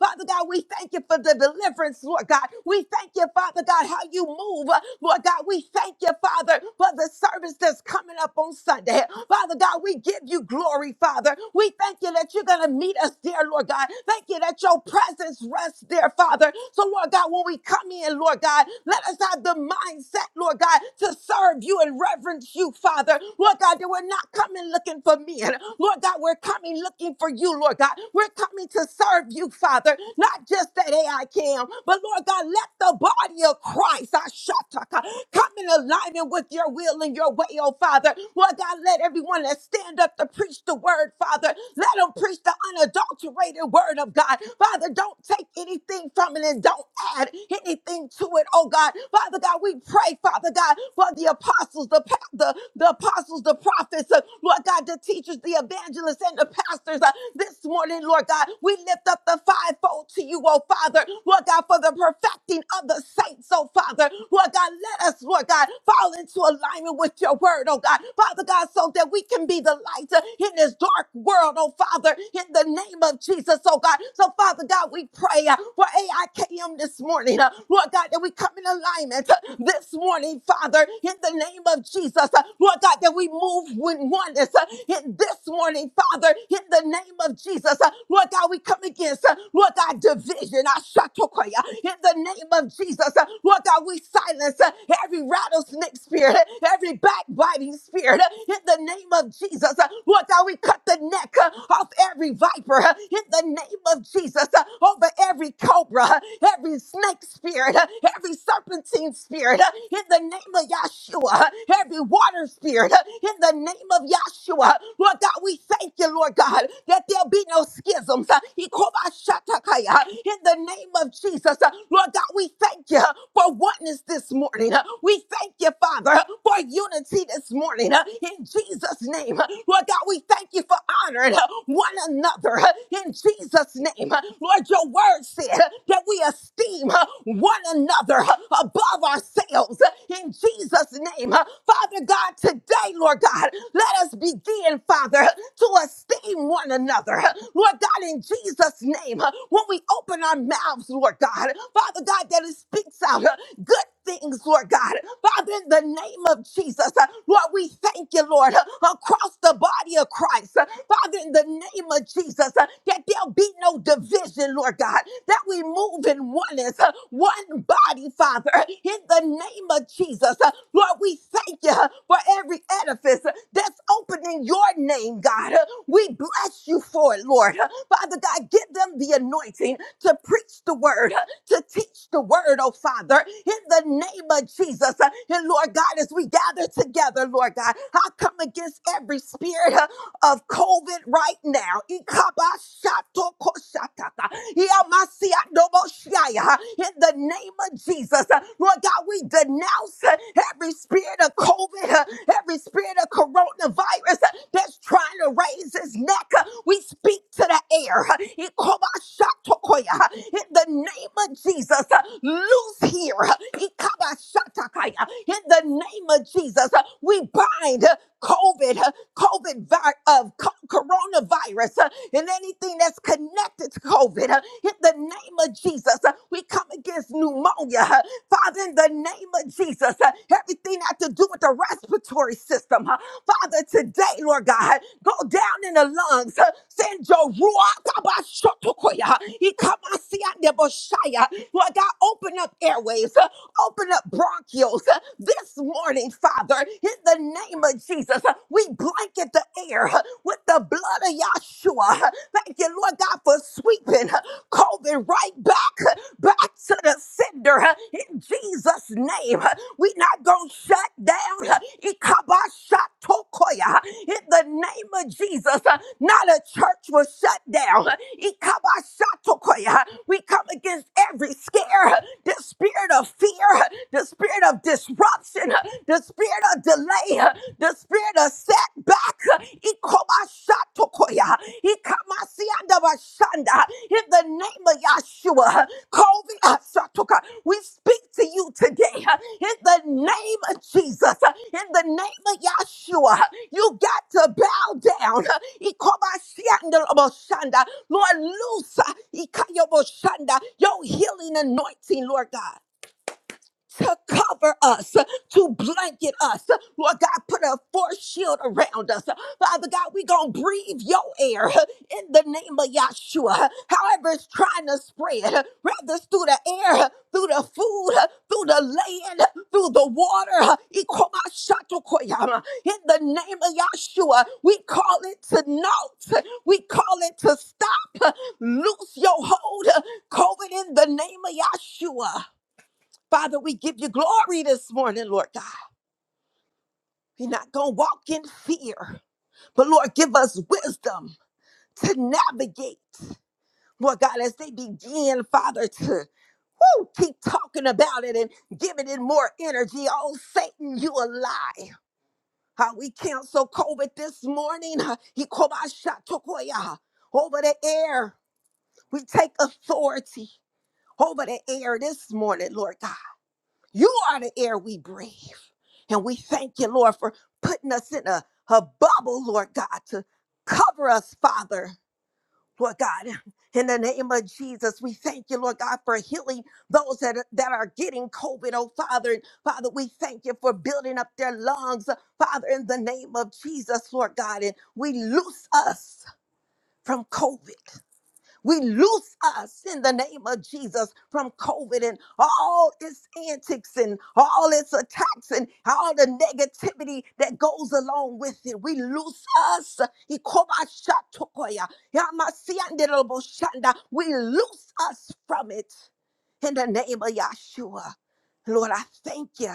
Speaker 4: Father God, we thank you for the deliverance, Lord God. We thank you, Father God, how you move, uh, Lord Lord God, we thank you, Father, for the service that's coming up on Sunday. Father God, we give you glory, Father. We thank you that you're going to meet us there, Lord God. Thank you that your presence rests there, Father. So, Lord God, when we come in, Lord God, let us have the mindset, Lord God, to serve you and reverence you, Father. Lord God, that we're not coming looking for men. Lord God, we're coming looking for you, Lord God. We're coming to serve you, Father, not just that AI cam, but Lord God, let the body of Christ. Christ. I shataka. Come in alignment with your will and your way, oh Father. Lord God, let everyone that stand up to preach the word, Father, let them preach the unadulterated word of God. Father, don't take anything from it and don't add anything to it, oh God. Father God, we pray, Father God, for the apostles, the, pa- the, the apostles, the prophets, uh, Lord God, the teachers, the evangelists, and the pastors uh, this morning, Lord God. We lift up the fivefold to you, oh Father, Lord God, for the perfecting leading of the saints, oh Father. Lord God, let us, Lord God, fall into alignment with your word, oh God. Father God, so that we can be the light uh, in this dark world, oh Father, in the name of Jesus, oh God. So, Father God, we pray uh, for AIKM this morning, uh, Lord God, that we come in alignment uh, this morning, Father, in the name of Jesus, uh, Lord God, that we move with oneness uh, in this morning, Father, in the name of Jesus, uh, Lord God, we come against, uh, Lord God, division, uh, Shatokoya, in the name of Jesus. Uh, Lord God, we silence uh, every rattlesnake spirit, uh, every backbiting spirit uh, in the name of Jesus. Uh, Lord God, we cut the neck uh, off every viper uh, in the name of Jesus uh, over every cobra, uh, every snake spirit, uh, every serpentine spirit uh, in the name of Yahshua, uh, every water spirit uh, in the name of Yahshua. uh, Lord God, we thank you, Lord God, that there'll be no schisms. uh, Ikobashatakaya, In the name of Jesus. Uh, Lord God, we thank you for oneness this morning. Uh, We thank you, Father, uh, for unity this morning uh, in Jesus' name. Uh, Lord God, we thank you for honoring uh, one another uh, in Jesus' name. Uh, Lord, your word said uh, that we esteem uh, one another uh, above ourselves uh, in Jesus' name. Uh, Father God, today, Lord God, let us begin, Father, to esteem one another. Lord God, in Jesus' name, proclaim, uh, when we open our mouths, Lord God, Father God, that it speaks out uh, good things, Lord God. Father, in the name of Jesus, uh, Lord, we thank you, Lord, uh, across the body of Christ. Uh, Father, in the name of Jesus, uh, that there'll be no division, Lord God, that we move in oneness, uh, one body, Father, in the name of Jesus. Uh, Lord, we thank you uh, for every edifice uh, that's opening your name, God. Uh, We bless you for it, Lord. huh? Father God, give them the anointing to preach the word, to teach the word, oh Father, in the name of Jesus. And Lord God, as we gather together, Lord God, I come against every spirit of COVID right now. Ikabashatokoshataka. Iamasiadoboshaya. In the name of Jesus, uh, Lord God, we denounce uh, every spirit of COVID, uh, every spirit of coronavirus uh, that's trying to raise its neck. Uh, We speak to the air. uh, Ikobashatokoya. In the name of Jesus, uh, loose here. uh, Ikabashatakaya. In the name of Jesus, uh, we bind. uh, COVID, uh, COVID, vi- of co- coronavirus, uh, and anything that's connected to COVID. uh, In the name of Jesus, uh, we come against pneumonia. uh, Father, in the name of Jesus, uh, everything that to do with the respiratory system. uh, Father, today, Lord God, huh, go down in the lungs. uh, Send your ruach abashotokoya, ikamasiandeboshaya. Lord God, open up airwaves. uh, Open up bronchioles. uh, This morning, Father, in the name of Jesus, uh, we blanket the air uh, with the blood of Yahshua. Uh, Thank you, Lord God, for sweeping uh, COVID right back, uh, back to the sender uh, in Jesus' name. Uh, we not going to shut down. uh, Ikabashatokoya, uh, In the name of Jesus, uh, not a church will shut down. Uh, Ikabashatokoya, uh, We come against every scare, uh, the spirit of fear, uh, the spirit of of disruption, the spirit of delay, the spirit of setback. Ikomashatokoya, ikamasiandabashanda. In the name of Yahshua, COVID, asatoka, we speak to you today. In the name of Jesus, in the name of Yahshua, you got to bow down. Ikomasiandabashanda. Lord, loose uh, ikayoboshanda, your healing anointing, Lord God to cover us, to blanket us. Lord God, put a force shield around us. Father God, we going to breathe your air in the name of Yahshua. However, it's trying to spread, whether it's through the air, through the food, through the land, through the water. Ikomashato-koyama. In the name of Yahshua, we call it to naught. We call it to stop. Loose your hold. COVID in the name of Yahshua. Father, we give you glory this morning, Lord God. We're not going to walk in fear, but Lord, give us wisdom to navigate. Lord God, as they begin, Father, to woo, keep talking about it and giving it more energy. Oh, Satan, you a lie. How we cancel COVID this morning. huh, Ikobashatokoya, Over the air, we take authority over the air this morning, Lord God. You are the air we breathe. And we thank you, Lord, for putting us in a, a bubble, Lord God, to cover us, Father, Lord God. In the name of Jesus, we thank you, Lord God, for healing those that, that are getting COVID, oh Father. And Father, we thank you for building up their lungs, Father, in the name of Jesus, Lord God. And we loose us from COVID. We loose us in the name of Jesus from COVID and all its antics and all its attacks and all the negativity that goes along with it. We loose us. Ikobashatokoya, yamasianderaboshanda. We loose us from it in the name of Yahshua. Lord, I thank you.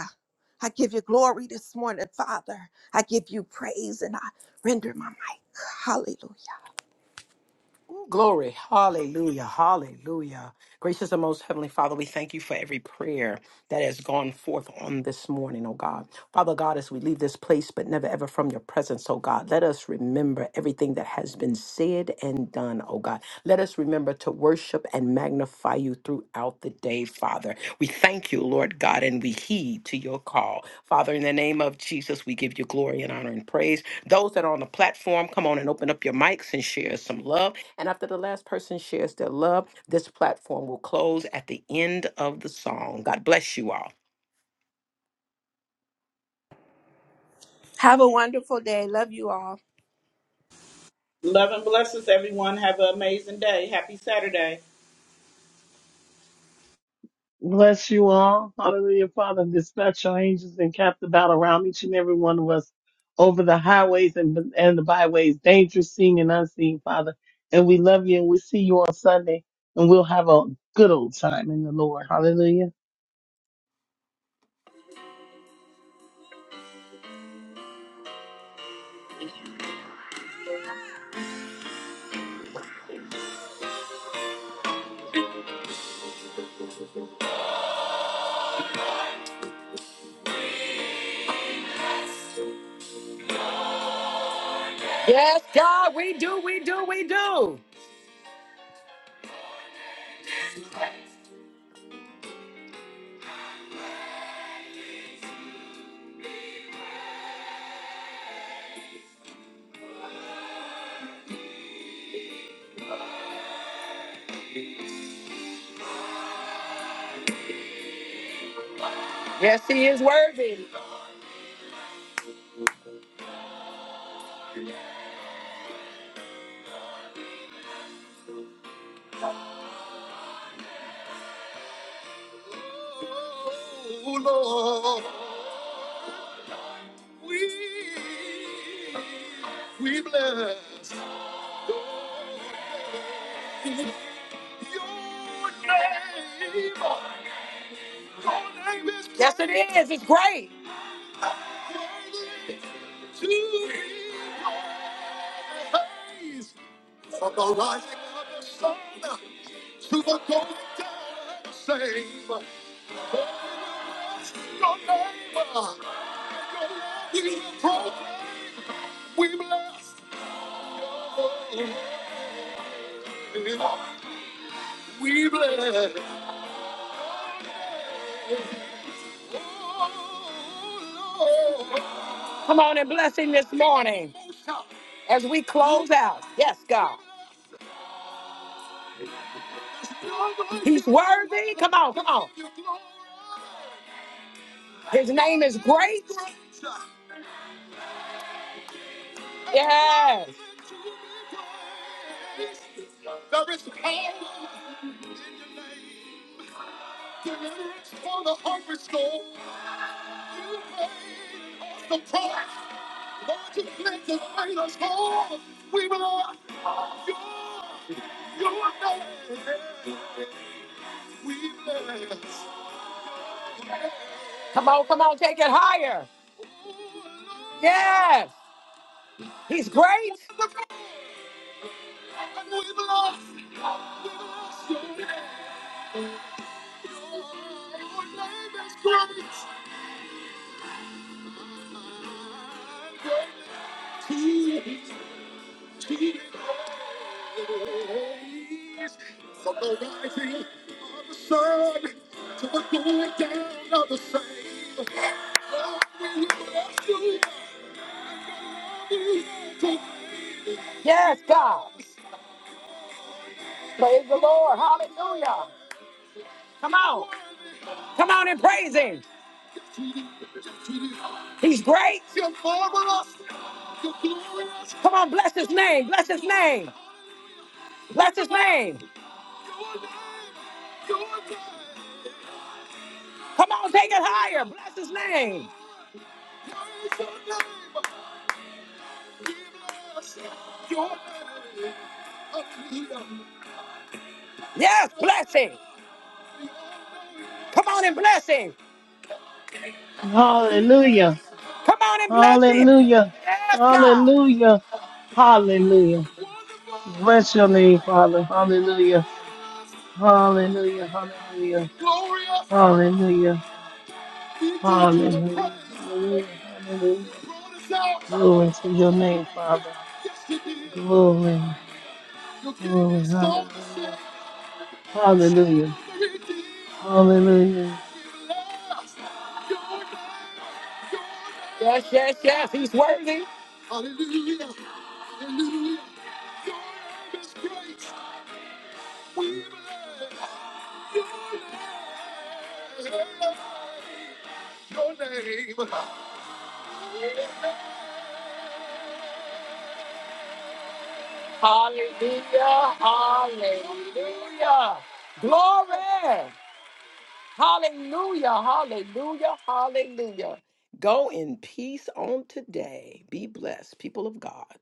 Speaker 4: I give you glory this morning, Father. I give you praise and I render my mic. Hallelujah.
Speaker 1: Ooh, Glory. Hallelujah. Hallelujah. Gracious and most heavenly Father, we thank you for every prayer that has gone forth on this morning, oh God. Father God, as we leave this place, but never ever from your presence, oh God, let us remember everything that has been said and done, oh God. Let us remember to worship and magnify you throughout the day, Father. We thank you, Lord God, and we heed to your call. Father, in the name of Jesus, we give you glory and honor and praise. Those that are on the platform, come on and open up your mics and share some love. And after the last person shares their love, this platform will close at the end of the song. God bless you all.
Speaker 4: Have a wonderful day. Love you all.
Speaker 3: Love and blessings, everyone. Have an amazing day. Happy Saturday.
Speaker 2: Bless you all. Hallelujah, Father. Dispatch your angels and cap the battle around each and every one of us over the highways and, and the byways, dangerous, seen and unseen, Father. And we love you and we see you on Sunday and we'll have a good old time in the Lord. Hallelujah.
Speaker 1: Yes, God, we do, we do, we do. Yes, He is worthy. Oh Lord, we we bless. Yes, it is. It's great. From the rising of the sun to the going down of the same. Your name, your name, is proclaimed. we bless. We bless. Come on and bless him this morning as we close out. Yes, God. He's worthy. Come on, come on. His name is great. Yes. There is power in Your name. deliverance for the hungry soul. You paid the price. Lord, you cleanse and made us whole. We belong. Come on, come on, take it higher. Yes, he's great. From the rising of the sun to the going down of the same. Yes, God. Praise the Lord. Hallelujah. Come on. Come on and praise him. He's great. Come on, bless his name. Bless his name. Bless his name. Come on, take it higher. Bless his name. Yes, bless him. Come on and bless him.
Speaker 2: Hallelujah.
Speaker 1: Come on and bless him.
Speaker 2: Hallelujah.
Speaker 1: Yes, God.
Speaker 2: Hallelujah. Hallelujah. Bless your name, Father. Hallelujah. Hallelujah. Hallelujah.
Speaker 1: Glorious.
Speaker 2: Hallelujah.
Speaker 1: Did you do the praise?
Speaker 2: Hallelujah, hallelujah, hallelujah.
Speaker 1: Brought us out.
Speaker 2: Glory to your name, Father.
Speaker 1: Yes, you did.
Speaker 2: Glory,
Speaker 1: You gave
Speaker 2: glory,
Speaker 1: your soul to save.
Speaker 2: hallelujah,
Speaker 1: Showed
Speaker 2: hallelujah,
Speaker 1: us the redeemed.
Speaker 2: hallelujah,
Speaker 1: Yes. Your name Yes, yes, yes. He's worthy. Hallelujah. Hallelujah. Your name is great. We bless your name. Your name. Hallelujah. Hallelujah. Glory. Hallelujah. Hallelujah. Hallelujah. Go in peace on today. Be blessed, people of God.